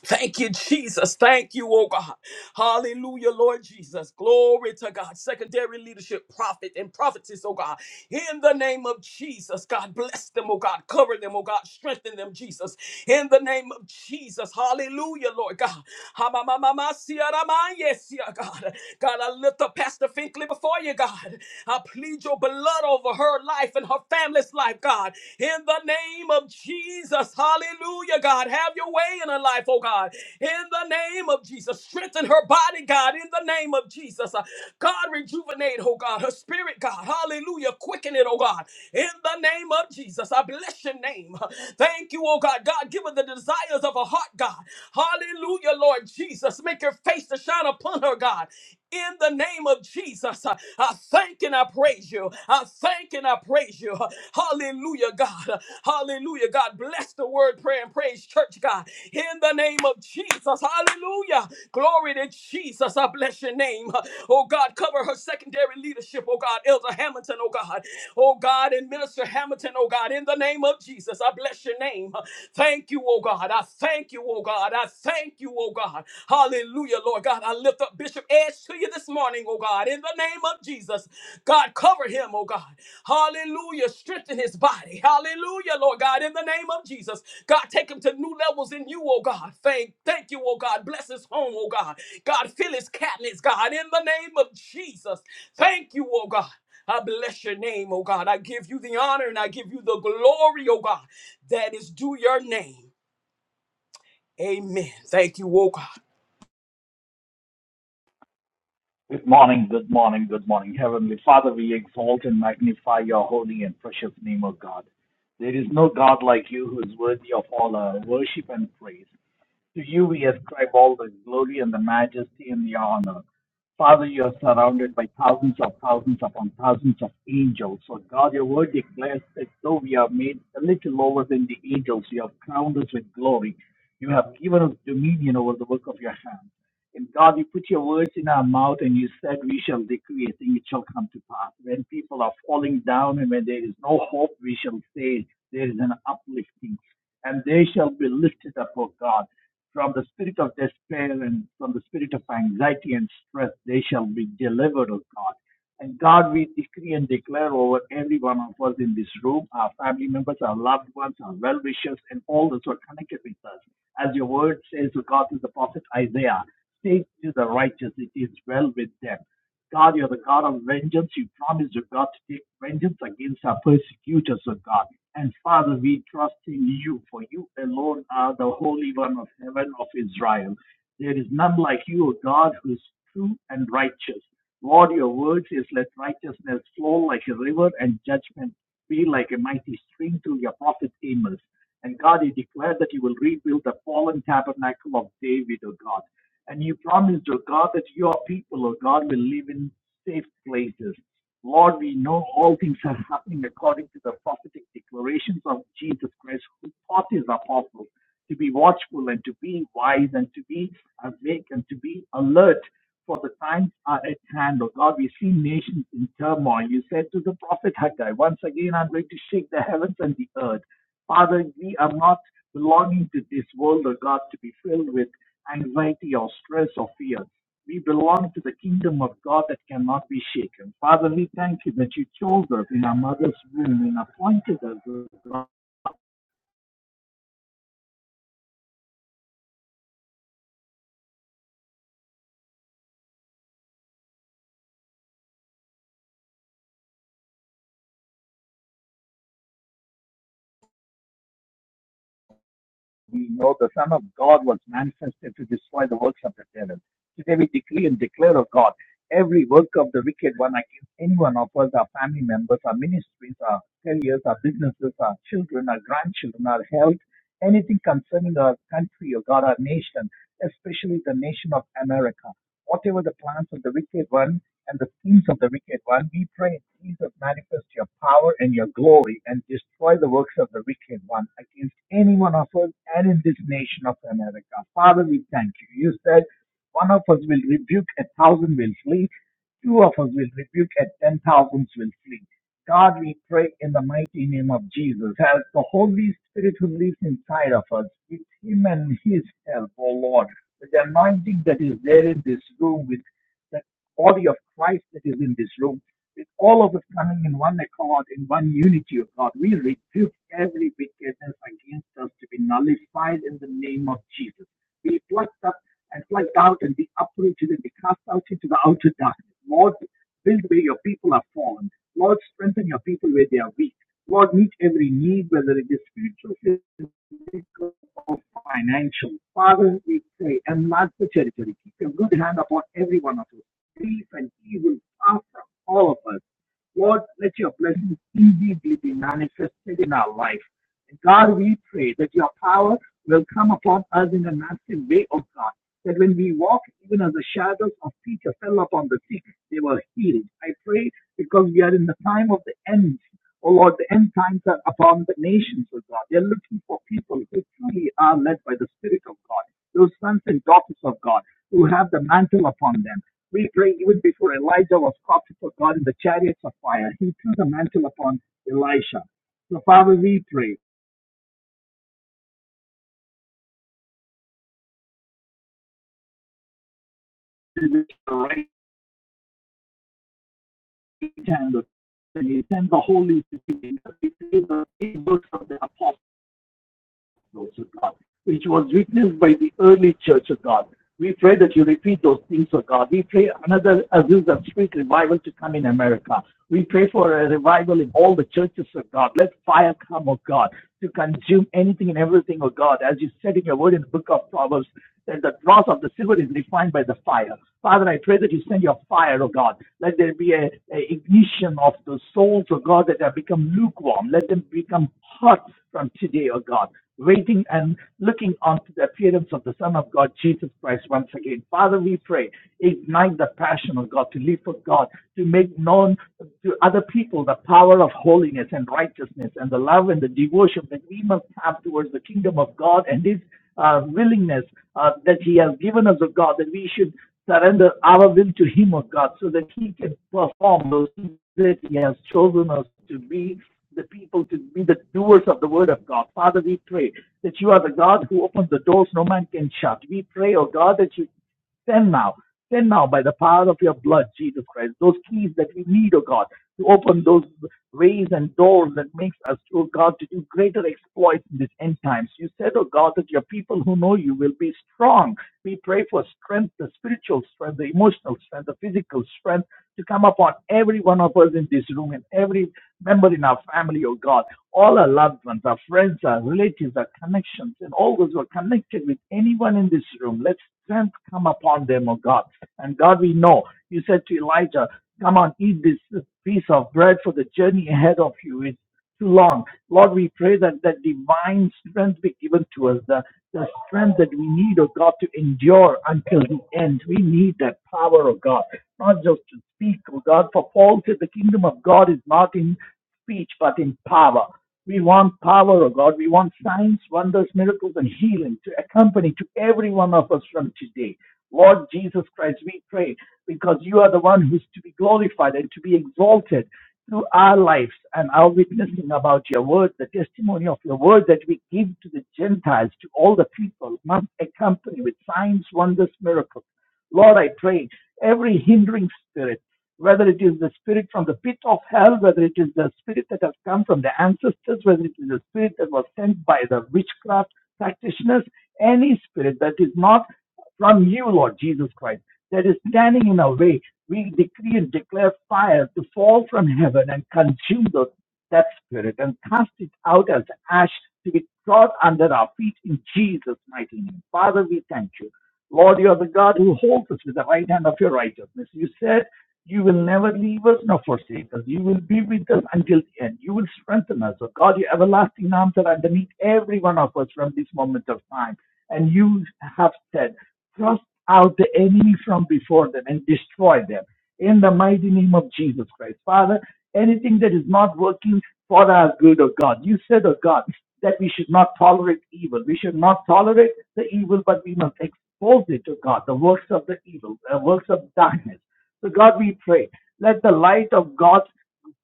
B: Thank you, Jesus. Thank you, oh God. Hallelujah, Lord Jesus. Glory to God. Secondary leadership, prophet and prophetess, oh God. In the name of Jesus, God bless them, oh God. Cover them, oh God. Strengthen them, Jesus. In the name of Jesus. Hallelujah, Lord God. Ha-ma-ma-ma-ma-sia-ra-ma-yesia, God, God, I lift up Pastor Finkley before you, God. I plead your blood over her life and her family's life, God. In the the name of Jesus. Hallelujah, God. Have your way in her life, oh God. In the name of Jesus. Strengthen her body, God. In the name of Jesus. Uh, God, rejuvenate, oh God. Her spirit, God. Hallelujah. Quicken it, oh God. In the name of Jesus. I bless your name. Thank you, oh God. God, give her the desires of her heart, God. Hallelujah, Lord Jesus. Make your face to shine upon her, God in the name of Jesus. I I thank and I praise you. I thank and I praise you. Hallelujah, God. Hallelujah, God. Bless the word, prayer, and praise, church, God. In the name of Jesus. Hallelujah. Glory to Jesus. I bless your name. Oh, God. Cover her secondary leadership, oh, God. Elder Hamilton, oh, God. Oh, God. And Minister Hamilton, oh, God. In the name of Jesus. I bless your name. Thank you, oh, God. I thank you, oh, God. I thank you, oh, God. God. Hallelujah, Lord God. I lift up Bishop Edge to you this morning, oh God, in the name of Jesus. God, cover him, oh God. Hallelujah. Strengthen his body. Hallelujah, Lord God, in the name of Jesus. God, take him to new levels in you, oh God. Thank, thank you, oh God. Bless his home, oh God. God, fill his cabinets, God, in the name of Jesus. Thank you, oh God. I bless your name, oh God. I give you the honor and I give you the glory, oh God, that is due your name. Amen. Thank you, oh God.
C: Good morning, good morning, good morning. Heavenly Father, we exalt and magnify your holy and precious name, O God. There is no God like you who is worthy of all our worship and praise. To you we ascribe all the glory and the majesty and the honor. Father, you are surrounded by thousands of thousands upon thousands of angels. So, God, your word declares that though we are made a little lower than the angels, you have crowned us with glory. You have given us dominion over the work of your hand. And God, you put your words in our mouth and you said, We shall decree a thing, it shall come to pass. When people are falling down and when there is no hope, we shall say, There is an uplifting. And they shall be lifted up, O God. From the spirit of despair and from the spirit of anxiety and stress, they shall be delivered, O God. And God, we decree and declare over every one of us in this room, our family members, our loved ones, our well wishers, and all those who are connected with us. As your word says, O God, through the prophet Isaiah, say to the righteous, it is well with them. God, you are the God of vengeance. You promised your God to take vengeance against our persecutors, O God. And Father, we trust in you, for you alone are the Holy One of heaven of Israel. There is none like you, O God, who is true and righteous. Lord, your word says, let righteousness flow like a river and judgment be like a mighty stream through your prophet Amos. And God, you declared that you will rebuild the fallen tabernacle of David, O God. And you promised, O God, that your people, O God, will live in safe places. Lord, we know all things are happening according to the prophetic declarations of Jesus Christ, who taught his apostles to be watchful and to be wise and to be awake and to be alert for the times are at hand, O God. We see nations in turmoil. You said to the prophet Haggai, once again, I'm going to shake the heavens and the earth. Father, we are not belonging to this world, O God, to be filled with anxiety or stress or fear. We belong to the kingdom of God that cannot be shaken. Father, we thank you that you chose us in our mother's womb and appointed us. O God. We know the Son of God was manifested to destroy the works of the devil. Today we decree and declare, O God, every work of the wicked one against any one of us, our family members, our ministries, our careers, our businesses, our children, our grandchildren, our health anything concerning our country or God, our nation, especially the nation of America. Whatever the plans of the wicked one and the schemes of the wicked one, we pray, Jesus, manifest your power and your glory and destroy the works of the wicked one against any one of us and in this nation of America. Father, we thank you. You said one of us will rebuke, a thousand will flee. Two of us will rebuke and ten thousands will flee. God, we pray in the mighty name of Jesus. Help the Holy Spirit who lives inside of us with Him and His help, O Lord. With the anointing that is there in this room, with the body of Christ that is in this room. With all of us coming in one accord, in one unity of God, we rebuke every wickedness against us to be nullified in the name of Jesus. Be plucked up and plucked out and be uprooted and be cast out into the outer darkness. Lord, build where your people are fallen. Lord, strengthen your people where they are weak. Lord, meet every need, whether it is spiritual, physical, or financial. Father, we pray, enlarge the territory. Keep your good hand upon every one of us. Receive and He will far from all of us. Lord, let your blessings indeed be manifested in our life. And God, we pray that your power will come upon us in a massive way, O God. That when we walk, even as the shadows of Peter fell upon the sea, they were healed. I pray because we are in the time of the end. Oh Lord, the end times are upon the nations, O God. They're looking for people who truly are led by the Spirit of God, those sons and daughters of God who have the mantle upon them. We pray even before Elijah was called to put God in the chariots of fire. He threw the mantle upon Elisha. So, Father, we pray that the right hand of and you send the Holy Spirit to the books of the apostles, of God, which was witnessed by the early church of God. We pray that you repeat those things, O God. We pray another Azusa Street revival to come in America. We pray for a revival in all the churches of God. Let fire come, O God. to consume anything and everything, O God, as you said in your word in the book of Proverbs, that the dross of the silver is refined by the fire. Father, I pray that you send your fire, O God. Let there be a, ignition of the souls, O God, that have become lukewarm. Let them become hot from today, O God. Waiting and looking on to the appearance of the Son of God, Jesus Christ, once again. Father, we pray pray. Ignite the passion of God to live for God, to make known to other people the power of holiness and righteousness and the love and the devotion that we must have towards the kingdom of God and His uh, willingness uh, that He has given us of God, that we should surrender our will to Him of God so that He can perform those things that He has chosen us to be the people to be the doers of the word of God. Father, we pray that you are the God who opens the doors no man can shut. We pray, oh God, that you Send now. Send now by the power of your blood, Jesus Christ, those keys that we need, O God, to open those ways and doors that makes us, O God, to do greater exploits in these end times. You said, O God, that your people who know you will be strong. We pray for strength, the spiritual strength, the emotional strength, the physical strength to come upon every one of us in this room and every member in our family, O God. All our loved ones, our friends, our relatives, our connections, and all those who are connected with anyone in this room, let strength come upon them, O God. And God, we know you said to Elijah, Come on, eat this, this piece of bread for the journey ahead of you is too long. Lord, we pray that that divine strength be given to us, the, the strength that we need, O God, to endure until the end. We need that power, O God, not just to speak, O God. For Paul said the kingdom of God is not in speech, but in power. We want power, O God. We want signs, wonders, miracles, and healing to accompany to every one of us from today. Lord Jesus Christ, we pray because you are the one who's to be glorified and to be exalted through our lives and our witnessing about your word, the testimony of your word that we give to the Gentiles, to all the people, must accompany with signs, wonders, miracles. Lord, I pray every hindering spirit whether it is the spirit from the pit of hell, whether it is the spirit that has come from the ancestors, whether it is the spirit that was sent by the witchcraft practitioners, any spirit that is not from you, Lord Jesus Christ, that is standing in our way, we decree and declare fire to fall from heaven and consume those, that spirit and cast it out as ash to be trod under our feet in Jesus' mighty name. Father, we thank you. Lord, you are the God who holds us with the right hand of your righteousness. You said you will never leave us nor forsake us. You will be with us until the end. You will strengthen us. Oh God, your everlasting arms are underneath every one of us from this moment of time. And you have said, thrust out the enemy from before them and destroy them. In the mighty name of Jesus Christ. Father, anything that is not working for our good, oh God. You said, oh God, that we should not tolerate evil. We should not tolerate the evil, but we must expose it, oh God, the works of the evil, the works of darkness. So, God, we pray, let the light of God's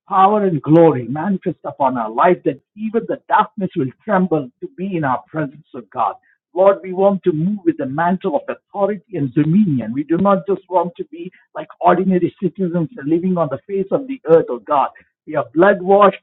C: power and glory manifest upon our life that even the darkness will tremble to be in our presence of God. Lord, we want to move with the mantle of authority and dominion. We do not just want to be like ordinary citizens living on the face of the earth, oh God. We are blood washed,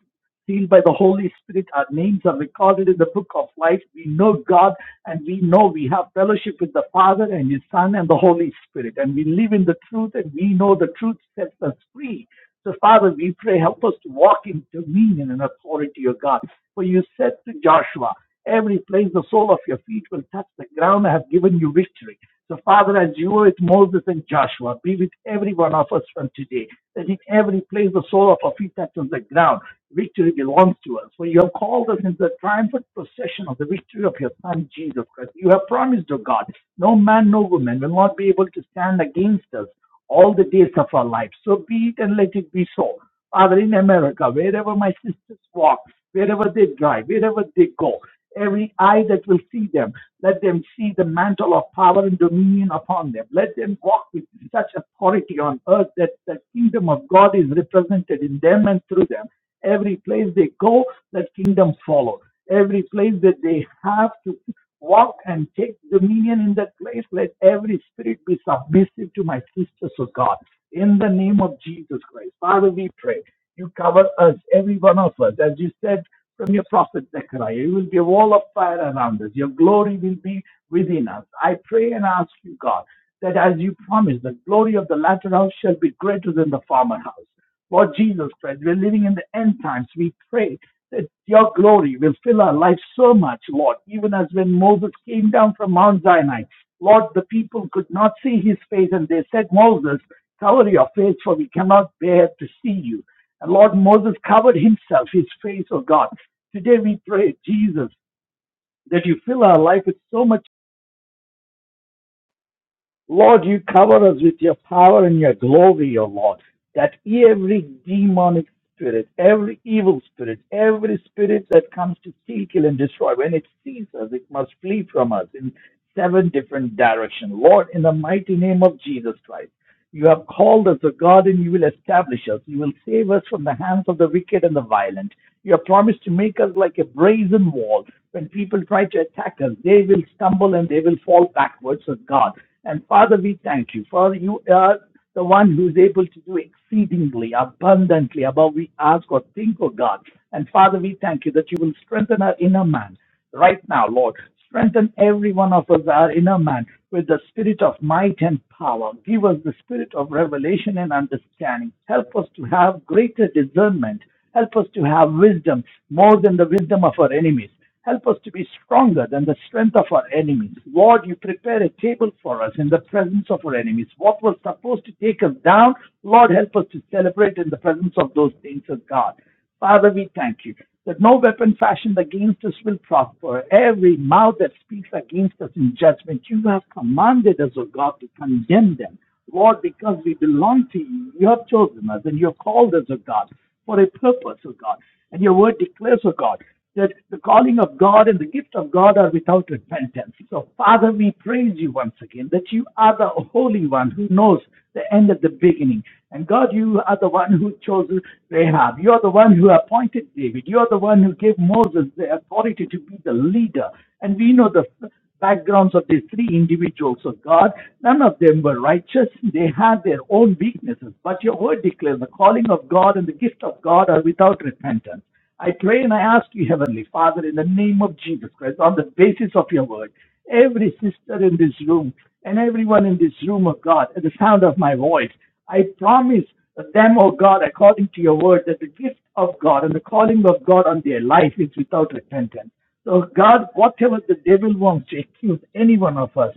C: sealed by the Holy Spirit. Our names are recorded in the book of life. We know God and we know we have fellowship with the Father and His Son and the Holy Spirit. And we live in the truth and we know the truth sets us free. So, Father, we pray, help us to walk in dominion and authority, O God. For you said to Joshua, every place the sole of your feet will touch the ground. I have given you victory. So, Father, as you were with Moses and Joshua, be with every one of us from today, that in every place the sole of our feet touches the ground. Victory belongs to us. For you have called us into the triumphant procession of the victory of your Son, Jesus Christ. You have promised, O God, no man, no woman will not be able to stand against us all the days of our life. So be it and let it be so. Father, in America, wherever my sisters walk, wherever they drive, wherever they go, every eye that will see them, let them see the mantle of power and dominion upon them. Let them walk with such authority on earth that the kingdom of God is represented in them and through them. Every place they go, that kingdom follow. Every place that they have to Walk and take dominion in that place. Let every spirit be submissive to my sisters, O God. In the name of Jesus Christ. Father, we pray. You cover us, every one of us. As you said from your prophet Zechariah, you will be a wall of fire around us. Your glory will be within us. I pray and ask you, God, that as you promised, the glory of the latter house shall be greater than the former house. Lord Jesus Christ, we're living in the end times. We pray that your glory will fill our life so much, Lord, even as when Moses came down from Mount Sinai. Lord, the people could not see his face, and they said, Moses, cover your face, for we cannot bear to see you. And Lord, Moses covered himself, his face, Oh, God. Today we pray, Jesus, that you fill our life with so much Lord, you cover us with your power and your glory, O Lord, that every demonic spirit, every evil spirit, every spirit that comes to steal, kill, and destroy, when it sees us, it must flee from us in seven different directions. Lord, in the mighty name of Jesus Christ, you have called us, O God, and you will establish us. You will save us from the hands of the wicked and the violent. You have promised to make us like a brazen wall. When people try to attack us, they will stumble and they will fall backwards, O God. And Father, we thank you, for you are the one who is able to do exceedingly abundantly above we ask or think, O God. And Father, we thank you that you will strengthen our inner man right now, Lord. Strengthen every one of us, our inner man, with the spirit of might and power. Give us the spirit of revelation and understanding. Help us to have greater discernment. Help us to have wisdom more than the wisdom of our enemies. Help us to be stronger than the strength of our enemies. Lord, you prepare a table for us in the presence of our enemies. What was supposed to take us down, Lord, help us to celebrate in the presence of those things of God. Father, we thank you that no weapon fashioned against us will prosper. Every mouth that speaks against us in judgment, you have commanded us, O God, to condemn them. Lord, because we belong to you, you have chosen us and you have called us, O God for a purpose, O God. And your word declares, O God, that the calling of God and the gift of God are without repentance. So, Father, we praise you once again that you are the Holy One who knows the end of the beginning. And God, you are the one who chose Rahab. You are the one who appointed David. You are the one who gave Moses the authority to be the leader. And we know the backgrounds of these three individuals of God. None of them were righteous. They had their own weaknesses. But your word declares the calling of God and the gift of God are without repentance. I pray and I ask you, Heavenly Father, in the name of Jesus Christ, on the basis of your word, every sister in this room and everyone in this room of God, at the sound of my voice, I promise them, O God, according to your word, that the gift of God and the calling of God on their life is without repentance. So, God, whatever the devil wants to accuse any one of us,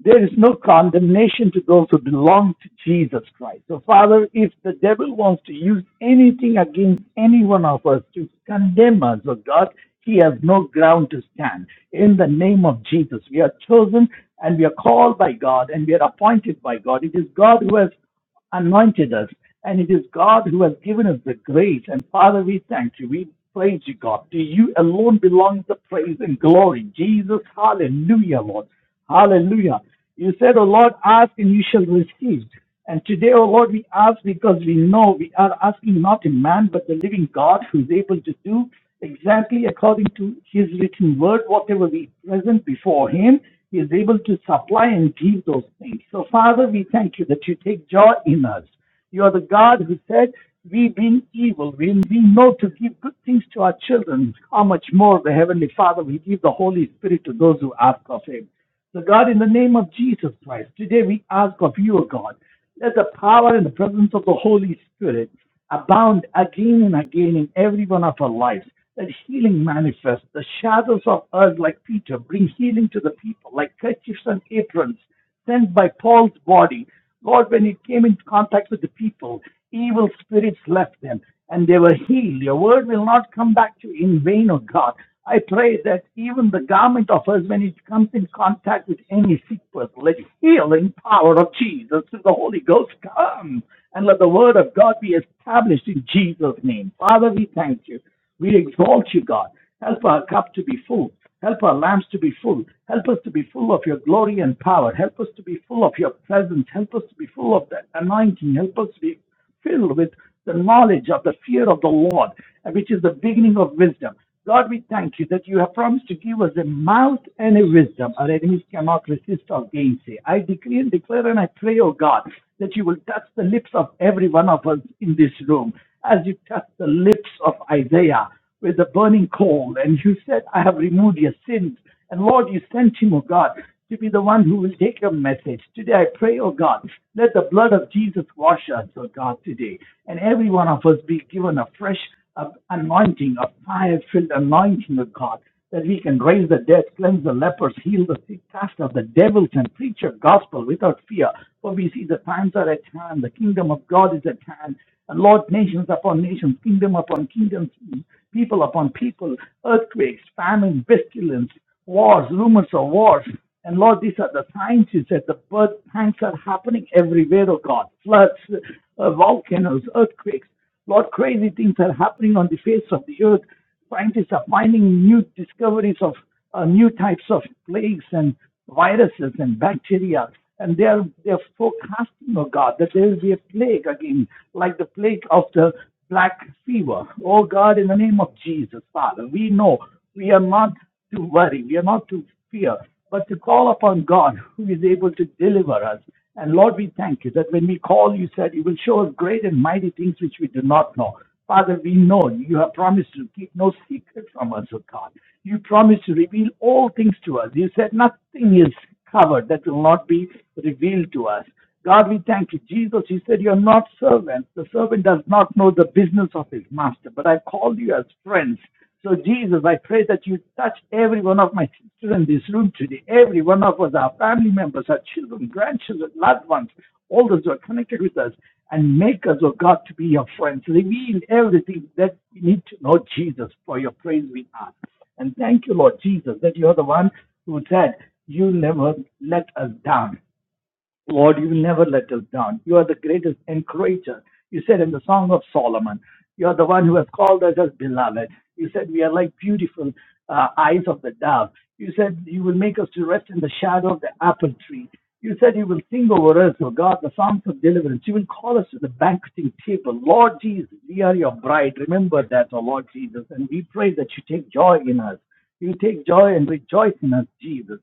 C: there is no condemnation to those who belong to Jesus Christ. So, Father, if the devil wants to use anything against any one of us to condemn us, oh God, he has no ground to stand. In the name of Jesus, we are chosen and we are called by God and we are appointed by God. It is God who has anointed us, and it is God who has given us the grace. And Father, we thank you. We praise you, God. To you alone belongs the praise and glory. Jesus, hallelujah, Lord. Hallelujah. You said, O Lord, ask and you shall receive. And today, O Lord, we ask because we know we are asking not in man, but the living God who is able to do exactly according to his written word, whatever we present before him, he is able to supply and give those things. So, Father, we thank you that you take joy in us. You are the God who said, We being evil, we we know to give good things to our children. How much more the Heavenly Father will give the Holy Spirit to those who ask of him. So, God, in the name of Jesus Christ, today we ask of you, O God, let the power and the presence of the Holy Spirit abound again and again in every one of our lives. Let healing manifest. The shadows of us, like Peter, bring healing to the people, like kerchiefs and aprons sent by Paul's body. Lord, when it came into contact with the people, evil spirits left them and they were healed. Your word will not come back to you in vain, O God. I pray that even the garment of us, when it comes in contact with any sick person, let the healing power of Jesus through the Holy Ghost come and let the word of God be established in Jesus' name. Father, we thank you. We exalt you, God. Help our cup to be full. Help our lamps to be full. Help us to be full of your glory and power. Help us to be full of your presence. Help us to be full of the anointing. Help us to be filled with the knowledge of the fear of the Lord, which is the beginning of wisdom. Lord, we thank you that you have promised to give us a mouth and a wisdom. Our enemies cannot resist or gainsay. I decree and declare and I pray, O God, that you will touch the lips of every one of us in this room as you touched the lips of Isaiah with the burning coal. And you said, I have removed your sins and Lord, you sent him, O God, to be the one who will take your message. Today I pray, O God, let the blood of Jesus wash us, O God, today. And every one of us be given a fresh uh, anointing, a fire filled anointing, O God, that we can raise the dead, cleanse the lepers, heal the sick, cast out the devils, and preach your gospel without fear. For we see the times are at hand, the kingdom of God is at hand. And Lord, nations upon nations, kingdom upon kingdoms, people upon people, earthquakes, famine, pestilence, wars, rumors of wars. And Lord, these are the times you said the birth times are happening everywhere, oh God. Floods, uh, volcanoes, earthquakes. Lord, crazy things are happening on the face of the earth. Scientists are finding new discoveries of uh, new types of plagues and viruses and bacteria. And they're, they're forecasting, oh God, that there will be a plague again, like the plague of the black fever. Oh God, in the name of Jesus, Father, we know we are not to worry, we are not to fear, but to call upon God who is able to deliver us. And Lord, we thank you that when we call, you said you will show us great and mighty things which we do not know. Father, we know you have promised to keep no secret from us, O God. You promised to reveal all things to us. You said nothing is covered that will not be revealed to us. God, we thank you. Jesus, He said, You're not servants. The servant does not know the business of his master, but I called you as friends. So, Jesus, I pray that you touch every one of my sisters in this room today, every one of us, our family members, our children, grandchildren, loved ones, all those who are connected with us, and make us, oh God, to be your friends. Reveal everything that we need to know, Jesus, for your praise we ask. And thank you, Lord Jesus, that you're the one who said, You never let us down. Lord, you never let us down. You are the greatest encourager. You said in the Song of Solomon, you are the one who has called us as beloved. You said we are like beautiful uh, eyes of the dove. You said you will make us to rest in the shadow of the apple tree. You said you will sing over us, O God, the songs of deliverance. You will call us to the banqueting table. Lord Jesus, we are your bride. Remember that, O Lord Jesus. And we pray that you take joy in us. You take joy and rejoice in us, Jesus.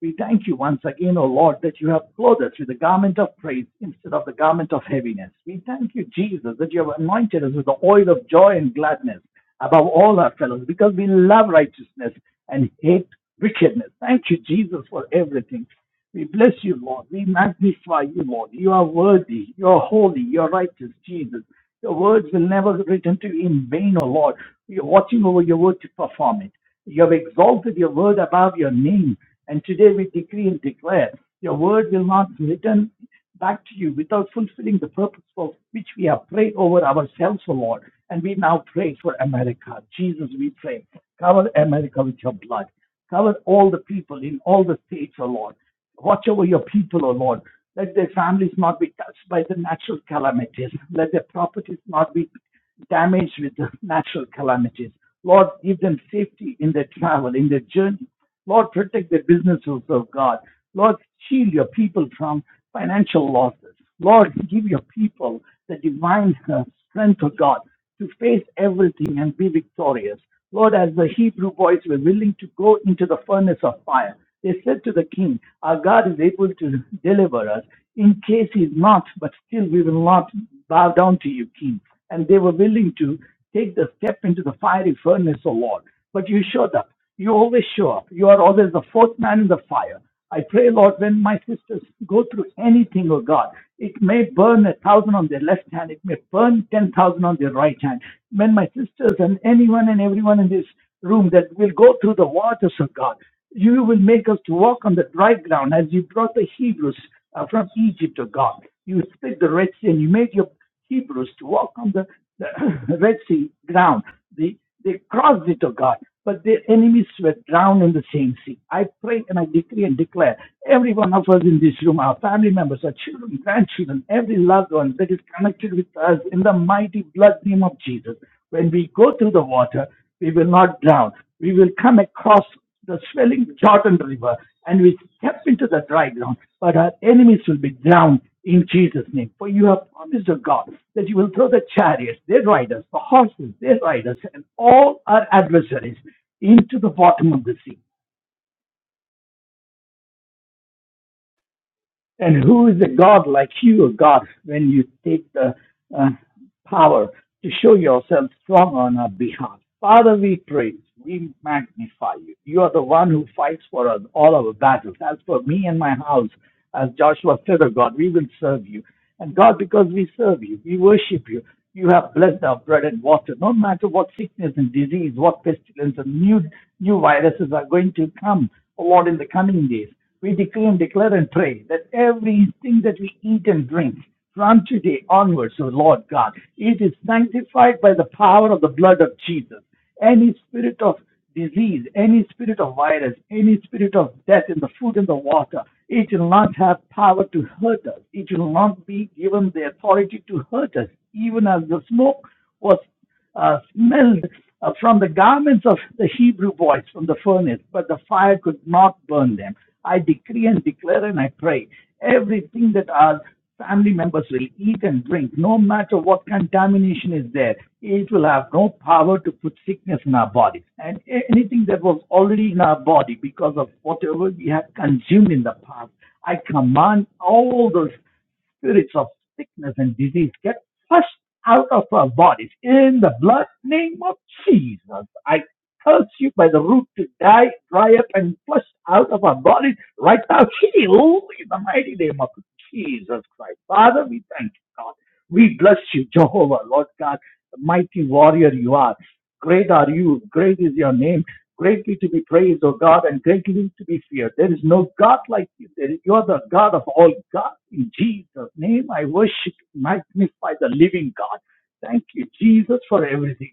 C: We thank you once again, O Lord, that you have clothed us with the garment of praise instead of the garment of heaviness. We thank you, Jesus, that you have anointed us with the oil of joy and gladness above all our fellows because we love righteousness and hate wickedness. Thank you, Jesus, for everything. We bless you, Lord. We magnify you, Lord. You are worthy. You are holy. You are righteous, Jesus. Your words will never return to you in vain, O Lord. We are watching over your word to perform it. You have exalted your word above your name. And today we decree and declare your word will not return back to you without fulfilling the purpose for which we have prayed over ourselves, O Lord. And we now pray for America. Jesus, we pray. Cover America with your blood. Cover all the people in all the states, O Lord. Watch over your people, O Lord. Let their families not be touched by the natural calamities. Let their properties not be damaged with the natural calamities. Lord, give them safety in their travel, in their journey. Lord, protect their businesses, O God. Lord, shield your people from financial losses. Lord, give your people the divine uh, strength of God to face everything and be victorious. Lord, as the Hebrew boys were willing to go into the furnace of fire, they said to the king, Our God is able to deliver us in case He is not, but still we will not bow down to you, king. And they were willing to take the step into the fiery furnace, O Lord. But you showed up. You always show up. You are always the fourth man in the fire. I pray, Lord, when my sisters go through anything, oh God, it may burn a thousand on their left hand, it may burn 10,000 on their right hand. When my sisters and anyone and everyone in this room that will go through the waters of God, you will make us to walk on the dry ground as you brought the Hebrews uh, from Egypt, oh God. You split the Red Sea and you made your Hebrews to walk on the, the [CLEARS THROAT] Red Sea ground. They, they crossed it, oh God, but their enemies were drowned in the same sea. I pray and I decree and declare every one of us in this room, our family members, our children, grandchildren, every loved one that is connected with us in the mighty blood name of Jesus. When we go through the water, we will not drown. We will come across the swelling Jordan River, and we step into the dry ground. But our enemies will be drowned in Jesus' name. For you have promised, O God, that you will throw the chariots, their riders, the horses, their riders, and all our adversaries into the bottom of the sea. And who is a God like you, a God, when you take the uh, power to show yourself strong on our behalf? Father, we praise, we magnify you. You are the one who fights for us all our battles. As for me and my house, as Joshua said, oh God, we will serve you. And God, because we serve you, we worship you, you have blessed our bread and water. No matter what sickness and disease, what pestilence and new, new viruses are going to come, oh Lord, in the coming days, we decree and declare and pray that everything that we eat and drink from today onwards, O Lord God, it is sanctified by the power of the blood of Jesus. Any spirit of disease, any spirit of virus, any spirit of death in the food and the water, it will not have power to hurt us. It will not be given the authority to hurt us, even as the smoke was uh, smelled uh, from the garments of the Hebrew boys from the furnace, but the fire could not burn them. I decree and declare and I pray everything that our family members will eat and drink, no matter what contamination is there, it will have no power to put sickness in our body. And anything that was already in our body because of whatever we have consumed in the past, I command all those spirits of sickness and disease get flushed out of our bodies in the blood name of Jesus. I cuts you by the root to die, dry up, and flushed out of our bodies right now. Heal in the mighty name of Jesus Christ. Father, we thank you, God. We bless you, Jehovah, Lord God, the mighty warrior you are. Great are you. Great is your name. Greatly to be praised, O God, and greatly to be feared. There is no God like you. There is, you are the God of all gods. In Jesus' name, I worship, magnify the living God. Thank you, Jesus, for everything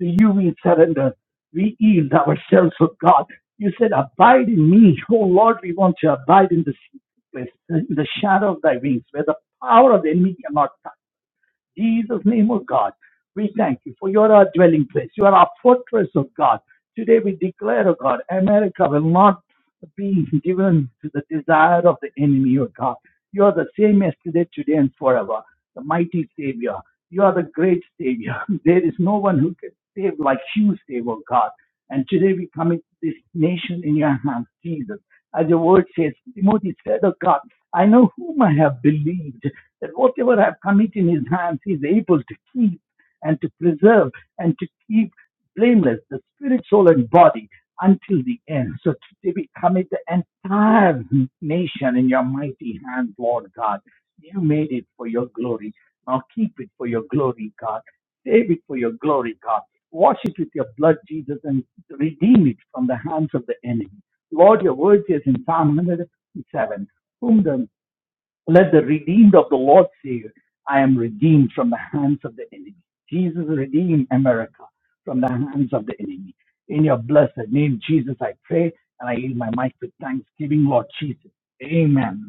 C: to you we surrender we yield ourselves, oh God. You said, Abide in me. Oh Lord, we want to abide in the secret place, in the shadow of thy wings, where the power of the enemy cannot Jesus' name, oh God. We thank you for you are our dwelling place. You are our fortress, oh God. Today we declare, O God, America will not be given to the desire of the enemy, O God. You are the same yesterday, today, and forever. The mighty Savior. You are the great Savior. [LAUGHS] There is no one who can save like you save, oh God. And today we commit this nation in your hands, Jesus. As your word says, Timothy said, oh God, I know whom I have believed, that whatever I have committed in his hands, he is able to keep and to preserve and to keep blameless the spirit, soul, and body until the end. So today we commit the entire nation in your mighty hand, Lord God. You made it for your glory. Now keep it for your glory, God. Save it for your glory, God. Wash it with your blood, Jesus, and redeem it from the hands of the enemy. Lord, your word says in Psalm 107 whom the let the redeemed of the Lord say, I am redeemed from the hands of the enemy. Jesus redeem America from the hands of the enemy. In your blessed name, Jesus, I pray and I yield my mic with thanksgiving, Lord Jesus. Amen.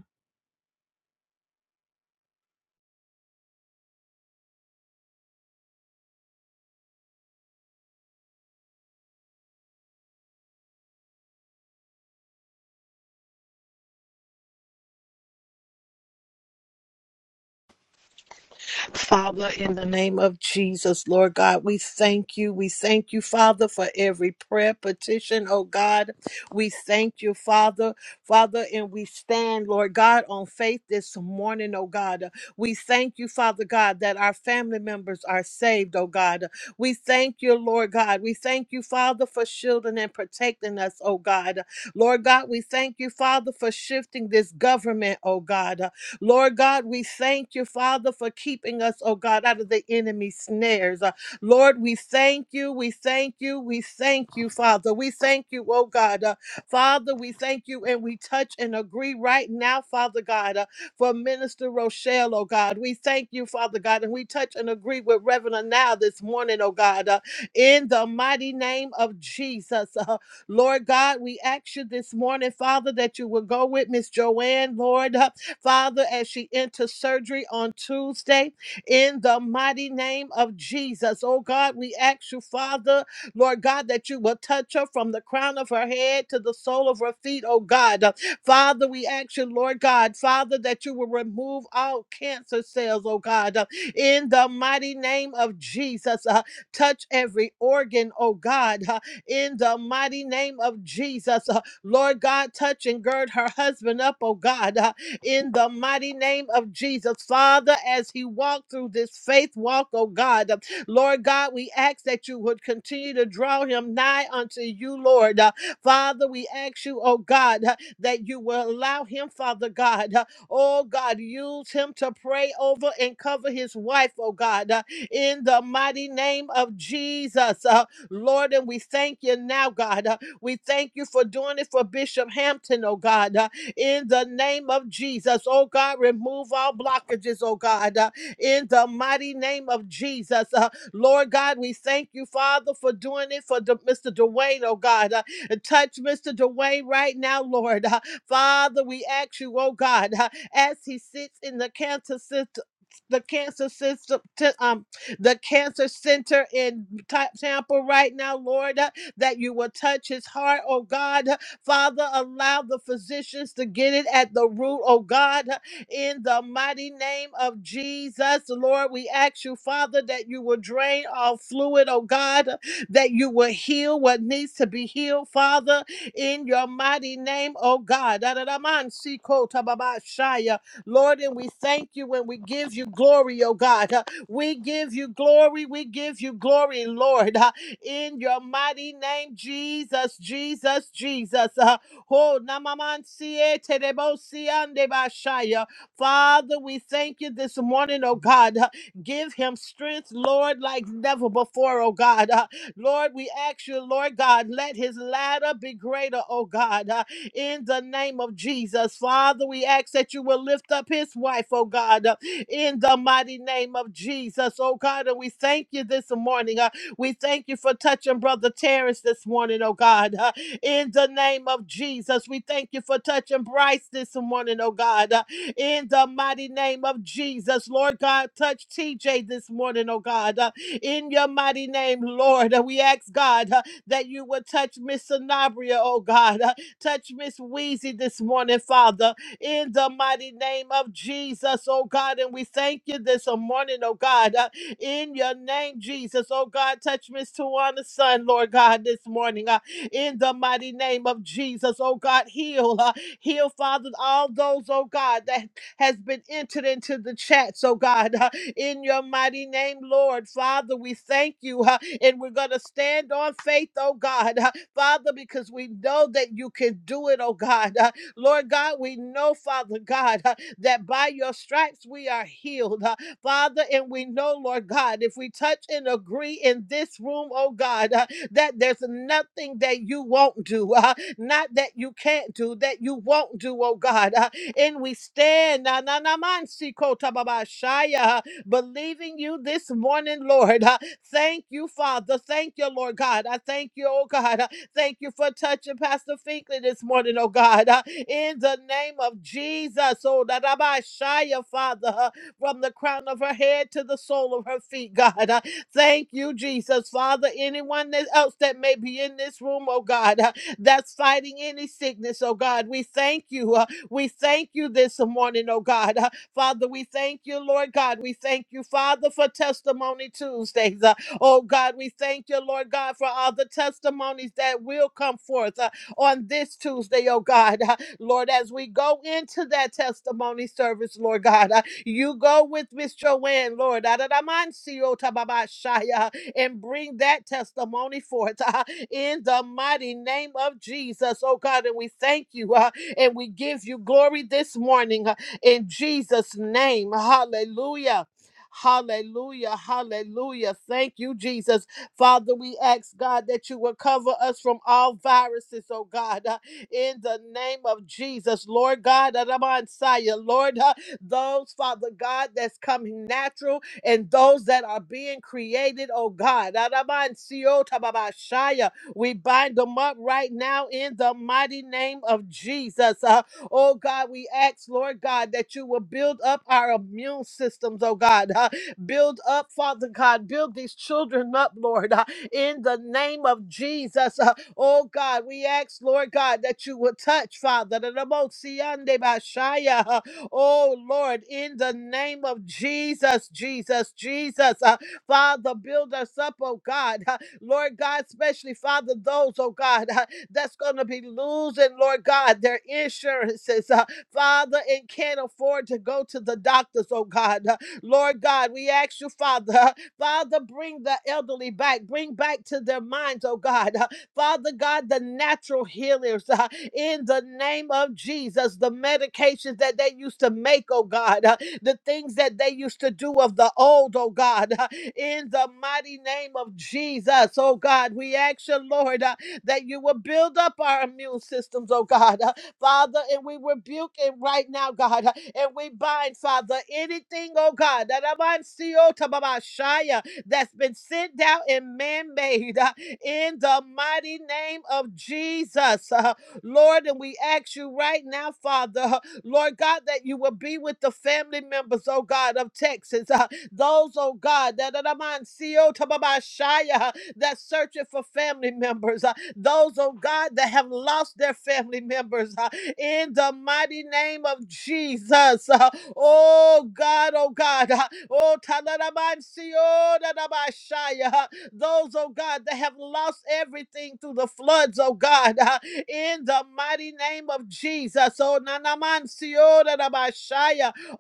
D: Father, in the name of Jesus, Lord God, we thank you. We thank you, Father, for every prayer petition, oh God. We thank you, Father, Father, and we stand, Lord God, on faith this morning, oh God. We thank you, Father God, that our family members are saved, oh God. We thank you, Lord God. We thank you, Father, for shielding and protecting us, oh God. Lord God, we thank you, Father, for shifting this government, oh God. Lord God, we thank you, Father, for keeping us, oh God, out of the enemy's snares. Uh, Lord, we thank you, we thank you, we thank you, Father. We thank you, oh God. Uh, Father, we thank you and we touch and agree right now, Father God, uh, for Minister Rochelle, oh God. We thank you, Father God, and we touch and agree with Reverend now this morning, oh God, uh, in the mighty name of Jesus. Uh, Lord God, we ask you this morning, Father, that you will go with Miss Joanne, Lord. Uh, Father, as she enters surgery on Tuesday, in the mighty name of Jesus. Oh God, we ask you, Father, Lord God, that you will touch her from the crown of her head to the sole of her feet, oh God. Uh, Father, we ask you, Lord God, Father, that you will remove all cancer cells, oh God, Uh, in the mighty name of Jesus. Uh, touch every organ, oh God, Uh, in the mighty name of Jesus. Uh, Lord God, touch and gird her husband up, oh God, uh, in the mighty name of Jesus. Father, as he walked through this faith walk, oh God, uh, Lord God, we ask that you would continue to draw him nigh unto you, Lord. Uh, Father, we ask you, oh God, uh, that you will allow him, Father God, uh, oh God, use him to pray over and cover his wife, oh God, uh, in the mighty name of Jesus. Uh, Lord, and we thank you now, God. Uh, we thank you for doing it for Bishop Hampton, oh God. Uh, in the name of Jesus. Oh God, remove all blockages, oh God, uh, in the mighty name of Jesus. Uh, Lord God, we thank you, Father, for doing it for Du- Mr. Dwayne, oh God. Uh, touch Mr. Dwayne right now, Lord. Uh, Father, we ask you, oh God, uh, as he sits in the cancer system. The cancer system, t- um, the cancer center in Ta- Tampa right now, Lord, uh, that you will touch his heart, oh God, Father, allow the physicians to get it at the root, oh God, in the mighty name of Jesus. Lord, we ask you, Father, that you will drain all fluid, oh God, that you will heal what needs to be healed, Father, in your mighty name, oh God. Da-da-da-man-si-ko-ta-ba-ba-shaya. Lord, and we thank you and we give you glory, oh God. We give you glory, we give you glory, Lord in your mighty name, Jesus, Jesus, Jesus. Uh, oh, namamansie terebosiande bashaya. Father, we thank you this morning, oh God. Uh, Give him strength, Lord, like never before, oh God. Uh, Lord, we ask you, Lord God, let his ladder be greater, oh God, uh, in the name of Jesus. Father, we ask that you will lift up his wife, oh God, uh, in the mighty name of Jesus, oh God. And we thank you this morning. uh, we thank you for touching Brother Terrence this morning, oh God. Uh, in the name of Jesus, we thank you for touching Bryce this morning, oh God. Uh, in the mighty name of Jesus, Lord God, touch TJ this morning, oh God. Uh, in your mighty name, Lord, uh, we ask God uh, that you would touch Miss Sanabria, oh God. Uh, touch Miss Wheezy this morning, Father in the mighty name of Jesus, oh God. And we thank you this morning, oh God. Uh, in your name, Jesus. Oh God, touch Miss Tawana's son, Lord God, this morning. uh, in the mighty name of Jesus, oh God, heal. Uh, heal, Father, all those, oh God, that has been entered into the chats, oh God. uh, in your mighty name, Lord. Father, we thank you. uh, and we're going to stand on faith, oh God. uh, Father, because we know that you can do it, oh God. uh, Lord God, we know, Father God, uh, that by your stripes we are healed. uh, Father, and we know, Lord God, if we touch and agree in this room, oh God, uh, that there's nothing that you won't do, uh, not that you can't do, that you won't do, oh God. uh, and we stand, na na na man si ko ta ba ba shaya, uh, believing you this morning, Lord. uh, thank you, Father. Thank you, Lord God. I thank you, oh God. uh, thank you for touching Pastor Finkley this morning, oh God. uh, in the name of Jesus, oh da da ba shaya, Father. uh, from the crown of her head to the sole of her feet, [LAUGHS] God. Uh, Thank you, Jesus. Father, anyone that- else that may be in this room, oh God, uh, that's fighting any sickness, oh God, we thank you. uh, We thank you this morning, oh God. Uh, Father, we thank you, Lord God. We thank you, Father, for Testimony Tuesdays. Uh, Oh God, we thank you, Lord God, for all the testimonies that will come forth uh, on this Tuesday, oh God. [LAUGHS] Uh, Lord, as we go into that testimony service, Lord God. uh, you go with Miss Joanne, Lord, Adadamansiotababashaya, and bring that testimony forth [LAUGHS] uh, in the mighty name of Jesus, oh God. And we thank you uh, and we give you glory this morning uh, in Jesus' name. Hallelujah. Hallelujah, hallelujah. Thank you, Jesus. Father, we ask God that you will cover us from all viruses, oh God, uh, in the name of Jesus, Lord God, Adamansaya, Lord. ah, those, Father God, that's coming natural and those that are being created, oh God. Arabansiotababashaya. We bind them up right now in the mighty name of Jesus. Uh, oh God, we ask, Lord God, that you will build up our immune systems, oh God. Uh, build up, Father God, build these children up, Lord, uh, in the name of Jesus. Uh, oh God, we ask, Lord God, that you will touch, Father. the Ramosiande Bashaya. Oh Lord, in the name of Jesus, Jesus, Jesus, uh, Father, build us up, oh God. Uh, Lord God, especially Father, those, oh God, uh, that's going to be losing, Lord God, their insurances, uh, Father, and can't afford to go to the doctors, oh God. Uh, Lord God, we ask you, Father, uh, Father, bring the elderly back, bring back to their minds, oh God. Uh, Father God, the natural healers. uh, in the name of Jesus. The medications that they used to make, oh God, uh, the things that they used to do of the old, oh God, uh, in the mighty name of Jesus, oh God, we ask you, Lord, uh, that you will build up our immune systems, oh God, uh, Father, and we rebuke it right now, God, uh, and we bind, Father, anything, oh God, that I'm on CO to Baba Shia that's been sent down and man made uh, in the mighty name of Jesus. [LAUGHS] Lord, and we ask you right now, Father, [LAUGHS] Lord God, that you will be with the family members, oh God, of Texas. [LAUGHS] uh, those, oh God, that [LAUGHS] that I'm on CO Tababashaya that's searching for family members. [LAUGHS] uh, those, oh God, that have lost their family members. [LAUGHS] uh, in the mighty name of Jesus. [LAUGHS] Uh, oh God, oh God. [LAUGHS] Uh, oh Tanarabansi, oh Dadabashaya. Those, oh God, that have lost everything through the floods, oh God, [LAUGHS] uh, in the mighty name of Jesus. Oh, nanaman siora da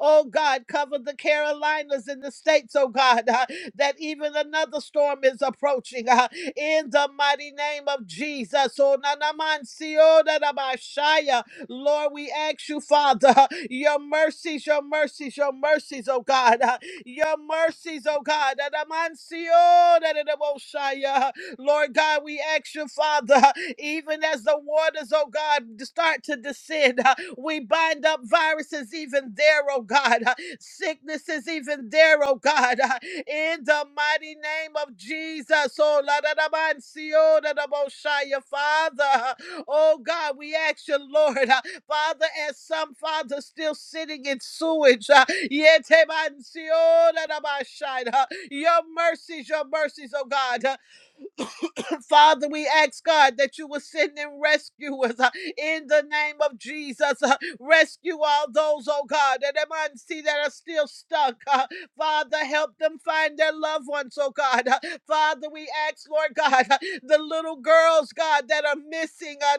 D: Oh God, cover the Carolinas and the states, oh God, [LAUGHS] uh, that even another storm is approaching [LAUGHS] uh, in the mighty name of Jesus. Oh, nanaman siora da Lord, we ask you, Father, [LAUGHS] your mercies, your mercies, your mercies, oh God. uh, your mercies, oh God. Lord God, we ask you, Father, even as the waters, oh God, start to descend, we bind up viruses even there, oh God. Sicknesses even there, oh God. In the mighty name of Jesus, oh Lord, dadadaboshaya, Father. Oh God, we ask you, Lord. Father, as some fathers still sitting in sewage. Uh, yetemansiorabashai, uh, your mercies, your mercies, oh God. Uh, Father, we ask God that you will send in rescuers uh, in the name of Jesus. Uh, rescue all those, oh God, that I see that are still stuck. Uh, Father, help them find their loved ones, oh God. Uh, Father, we ask, Lord God, uh, the little girls, God, that are missing. Uh,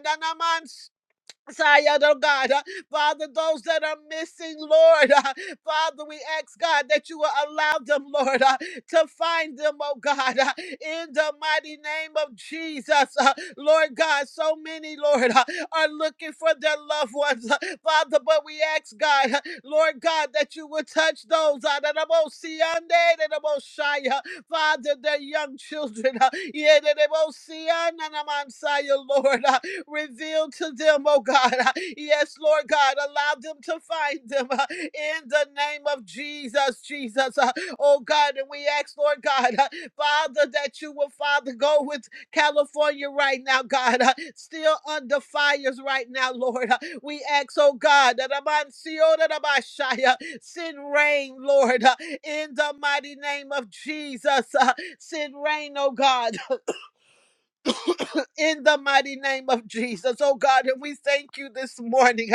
D: Zion, oh God, uh, Father, those that are missing, Lord, uh, Father, we ask God that you will allow them, Lord, uh, to find them, oh God, uh, in the mighty name of Jesus, uh, Lord God. So many, Lord, uh, are looking for their loved ones, uh, Father, but we ask God, uh, Lord God, that you will touch those uh, that are most Siande, that are most shy, uh, Father, their young children, uh, yeah, that are most Sian, and I'm on Zion, Lord, uh, Reveal to them, oh God. [LAUGHS] Yes, Lord God, allow them to find them uh, in the name of Jesus, Jesus. Uh, Oh God, and we ask, Lord God, uh, Father, that you will, Father, go with California right now, God, uh, still under fires right now, Lord. Uh, We ask, oh God, that Abansiorabashaya, send rain, Lord, uh, in the mighty name of Jesus. uh, Send rain, oh God in the mighty name of Jesus. Oh God, and we thank you this morning.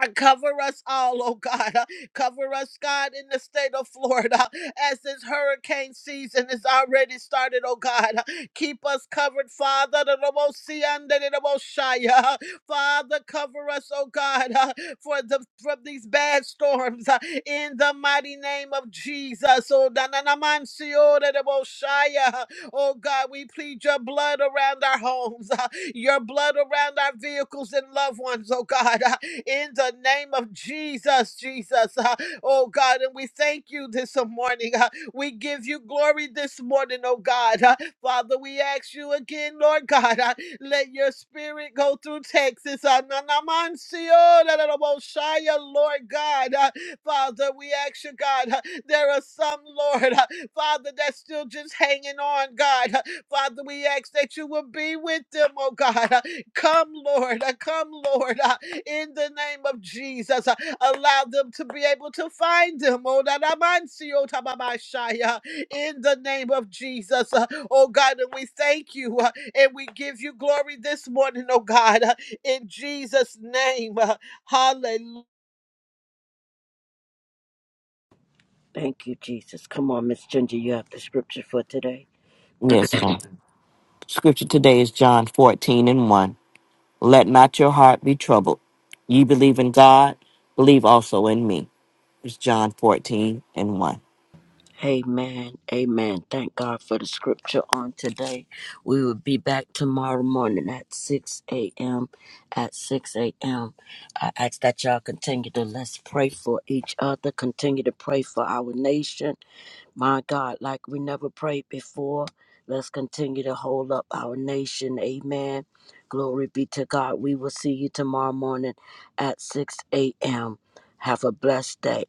D: Uh, Cover us all, oh God. Uh, Cover us, God, in the state of Florida as this hurricane season is already started, oh God. Uh, Keep us covered, Father. The Ramosi and the Ramoshai, uh, Father, cover us, oh God, uh, for the from these bad storms uh, in the mighty name of Jesus. Oh, da- na- na- man, si- oh da- da- Ramoshai, uh, oh God, we plead your blood around our homes. [LAUGHS] your blood around our vehicles and loved ones, oh God, [LAUGHS] uh, in the name of Jesus, Jesus, [LAUGHS] uh, oh God. And we thank you this morning. [LAUGHS] uh, we give you glory this morning, oh God. [LAUGHS] uh, Father, we ask you again, Lord God, [LAUGHS] uh, let your spirit go through Texas. [LAUGHS] uh, na- na- man, see, oh, da- da- da- bo- shy, uh, Lord God, [LAUGHS] uh, Father, we ask you, God, [LAUGHS] uh, there are some, Lord, [LAUGHS] uh, Father, that's still just hanging on, God. Father, we ask that you will be with them, oh God. Uh, Come, Lord. uh, Come, Lord. uh, In the name of Jesus, Uh, allow them to be able to find him. Oh, da- da- man, see, oh, ta- uh, In the name of Jesus, Uh, oh God. And we thank you uh, and we give you glory this morning, oh God. uh, In Jesus' name. Uh, Hallelujah.
E: Thank you, Jesus. Come on, Miss Ginger, you have the scripture for today.
F: Yes, ma'am. Scripture today is John 14 and 1. Let not your heart be troubled. Ye believe in God, believe also in me. It's John 14 and 1.
E: Amen. Amen. Thank God for the scripture on today. We will be back tomorrow morning at 6 a.m. At 6 a.m. I ask that y'all continue to let's pray for each other, continue to pray for our nation. My God, like we never prayed before, let's continue to hold up our nation. Amen. Glory be to God. We will see you tomorrow morning at 6 a.m. Have a blessed day.